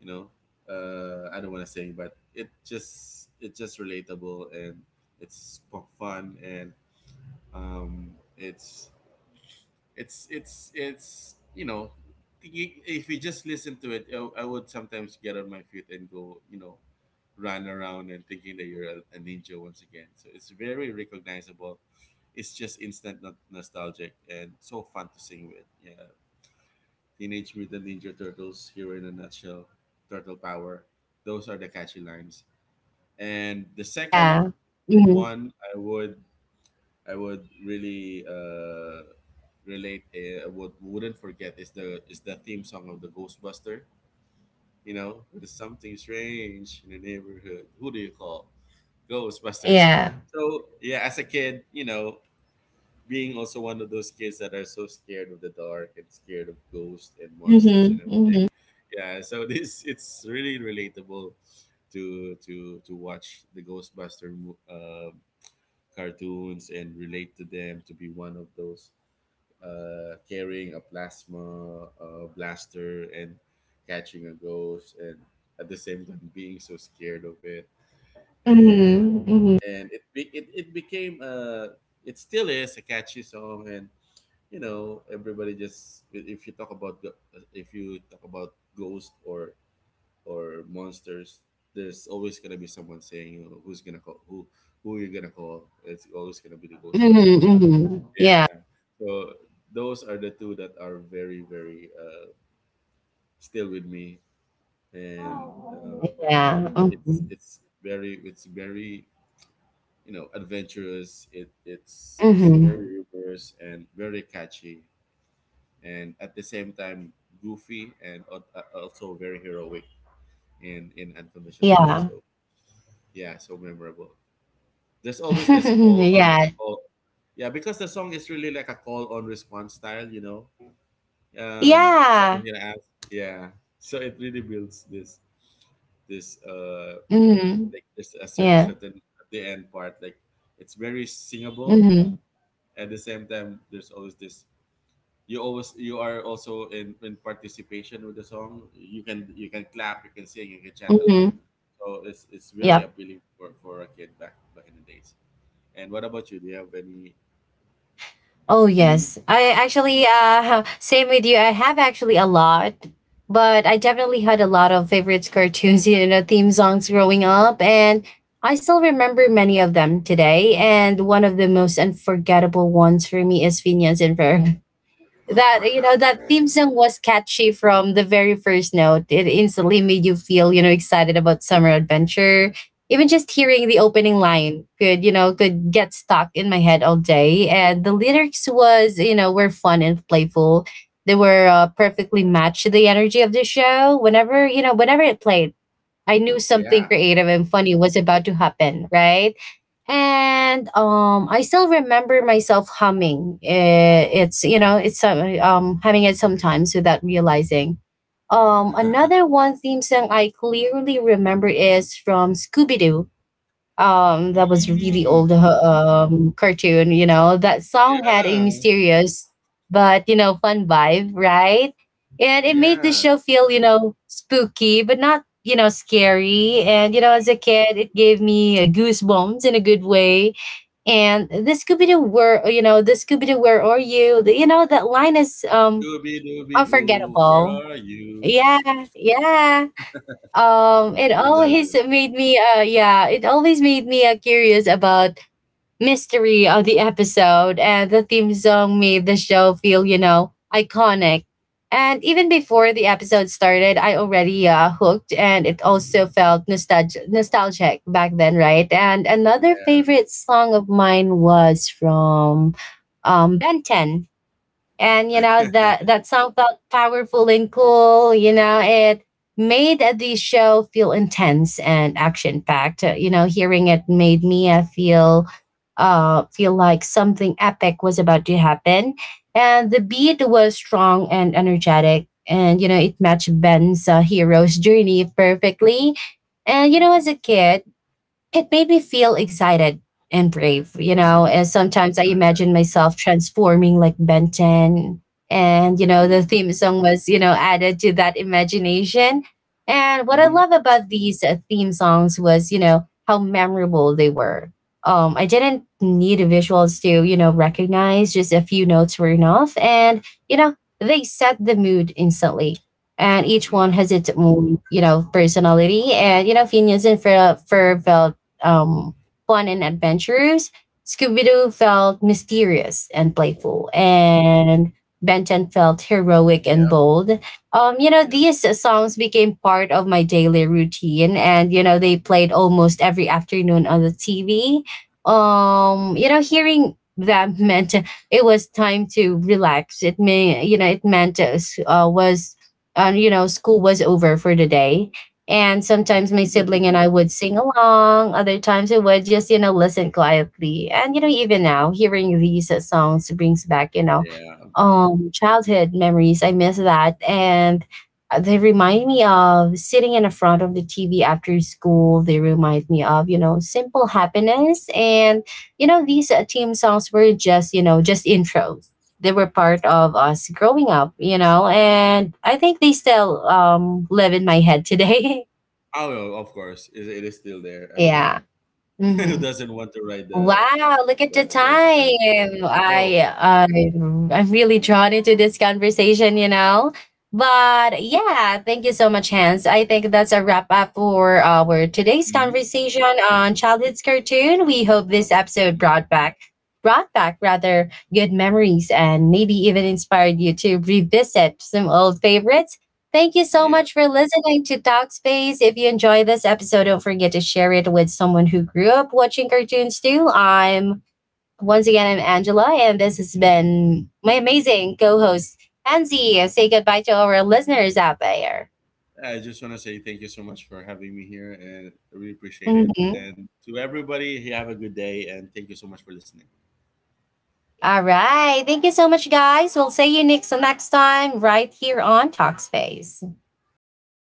S2: you know. Uh, I don't want to say, but it just it's just relatable, and it's fun, and um, it's it's it's, you know, if you just listen to it, I would sometimes get on my feet and go, you know, run around and thinking that you're a ninja once again, so it's very recognizable. It's just instant nostalgic and so fun to sing with. Yeah, Teenage Mutant Ninja Turtles, hero in a nutshell, turtle power. Those are the catchy lines. And the second
S1: Yeah. Mhm.
S2: one, I would really relate. Would wouldn't forget is the theme song of the Ghostbuster. You know, there's something strange in the neighborhood. Who do you call? Ghostbusters.
S1: Yeah.
S2: So yeah, as a kid, you know, being also one of those kids that are so scared of the dark and scared of ghosts and monsters and
S1: Mhm.
S2: everything.
S1: Mhm.
S2: Yeah, so this it's really relatable to watch the Ghostbuster cartoons and relate to them, to be one of those carrying a plasma blaster and catching a ghost and at the same time being so scared of it, and
S1: Mhm. Mhm.
S2: it became it still is a catchy song. And you know, everybody just if you talk about go- if you talk about ghosts or monsters, there's always gonna be someone saying, you know, who's gonna call, who you're gonna call. It's always gonna be the Ghostbusters.
S1: Mhm. Mhm. Yeah.
S2: Yeah, so those are the two that are very very still with me, and um,
S1: Yeah.
S2: it's
S1: Mhm.
S2: it's very it's very, you know, adventurous. It's very
S1: Mhm.
S2: humorous and very catchy, and at the same time goofy and also very heroic in unconventional way.
S1: Yeah.
S2: So yeah, so memorable. There's always this call on
S1: yeah.
S2: call, yeah, because the song is really like a call on response style, you know. Something
S1: Yeah.
S2: you ask, yeah. So it really builds this this uh
S1: Mhm.
S2: like there's a
S1: Yeah.
S2: certain at the end part, like it's very singable.
S1: Mm-hmm.
S2: At the same time, there's always this, you always, you are also in participation with the song. You can you can clap, you can sing, you can chant along.
S1: Mm-hmm.
S2: So it's very
S1: Yep.
S2: appealing for a kid back back in the days. And what about you? Do you have any
S1: Oh
S2: theme?
S1: yes. I actually same with you. I have actually a lot, but I definitely had a lot of favorites cartoons, you know, theme songs growing up, and I still remember many of them today. And one of the most unforgettable ones for me is Phineas and Ferb. That you know that theme song was catchy from the very first note. It instantly made you feel, you know, excited about summer adventure. Even just hearing the opening line could, you know, could get stuck in my head all day, and the lyrics was, you know, were fun and playful. They were perfectly matched to the energy of the show. Whenever, you know, whenever it played, I knew something
S2: Yeah,
S1: creative and funny was about to happen, right? And I still remember myself humming. Eh, it's you know it's humming it sometimes without realizing. Another one theme song I clearly remember is from Scooby-Doo. That was really
S2: mm,
S1: old cartoon. You know, that song had a
S2: yeah,
S1: mysterious but you know fun vibe, right? And it made the
S2: yeah,
S1: show feel, you know, spooky but not, you know, scary, and you know, as a kid it gave me goosebumps in a good way. And the Scooby Doo, the where you know the Scooby Doo, where are you. The- you know that line is
S2: doobie doobie doo, where
S1: unforgettable.
S2: are you?
S1: Yeah. Yeah. It
S2: Who
S1: always
S2: doesn't?
S1: made me yeah it always made me curious about mystery of the episode, and the theme song made the show feel, you know, iconic. And even before the episode started I already hooked, and it also felt nostalgic back then, right? And another
S2: Yeah.
S1: favorite song of mine was from Ben 10. And you know that that song felt powerful and cool, you know. It made the show feel intense and action packed, you know. Hearing it made me feel like something epic was about to happen. And the beat was strong and energetic, and you know it matched Ben's hero's journey perfectly. And you know,
S2: Hmm.
S1: as a kid it made me feel excited and brave, you
S2: Hmm.
S1: know. And sometimes I
S2: Oh yeah.
S1: imagine myself transforming like Benton. And, you know,
S2: You.
S1: the theme song was, you know, added to that imagination. And what I
S2: Hmm.
S1: love about these theme songs was, you know, how memorable they were. I didn't need visuals to, you know, recognize, just a few notes were enough. And, you know, they set the mood instantly, and each one
S2: Yeah.
S1: has its own, you know, personality. And you know, Ferb um, fun and adventurous, Scooby Doo felt mysterious and playful, and Ben 10 felt heroic and
S2: Yep.
S1: bold. You know,
S2: Yep.
S1: these songs became part of my daily routine, and you know, they played almost every afternoon on the TV. You know, hearing them meant it was time to relax. It meant you know, school was over for the day. And sometimes my sibling and I would sing along. Other times I would just, you know, listen quietly. And, you know, even now, hearing these songs brings back, you know,
S2: Yeah.
S1: childhood memories. I miss that. And they remind me of sitting in the front of the TV after school. They remind me of, you know, simple happiness. And, you know, these team songs were just, you know, just intros. They were part of us growing up, you know, and I think they still live in my head today.
S2: Oh well, of course it is still there, I mean.
S1: yeah.
S2: Who
S1: Hmm.
S2: doesn't want to ride the
S1: Wow, look at
S2: the
S1: the
S2: the band.
S1: time.
S2: Oh,
S1: I'm really drawn into this conversation, you know. But yeah, thank you so much, Hans. I think that's a wrap up for our today's
S2: hmm.
S1: conversation on childhood's cartoon. We hope this episode brought back rather good memories, and maybe even inspired you to revisit some old favorites. Thank you so
S2: Yeah.
S1: much for listening to Talkspace. If you enjoy this episode, don't forget to share it with someone who grew up watching cartoons too. I'm once again I'm Angela, and this has been my amazing co-host Pansy. Say goodbye to our listeners out there.
S2: I just want to say thank you so much for having me here, and I really appreciate it.
S1: Mhm.
S2: And to everybody, have a good day, and thank you so much for listening.
S1: All right, thank you so much, guys. We'll see you next time right here on Talkspace.
S2: Bye.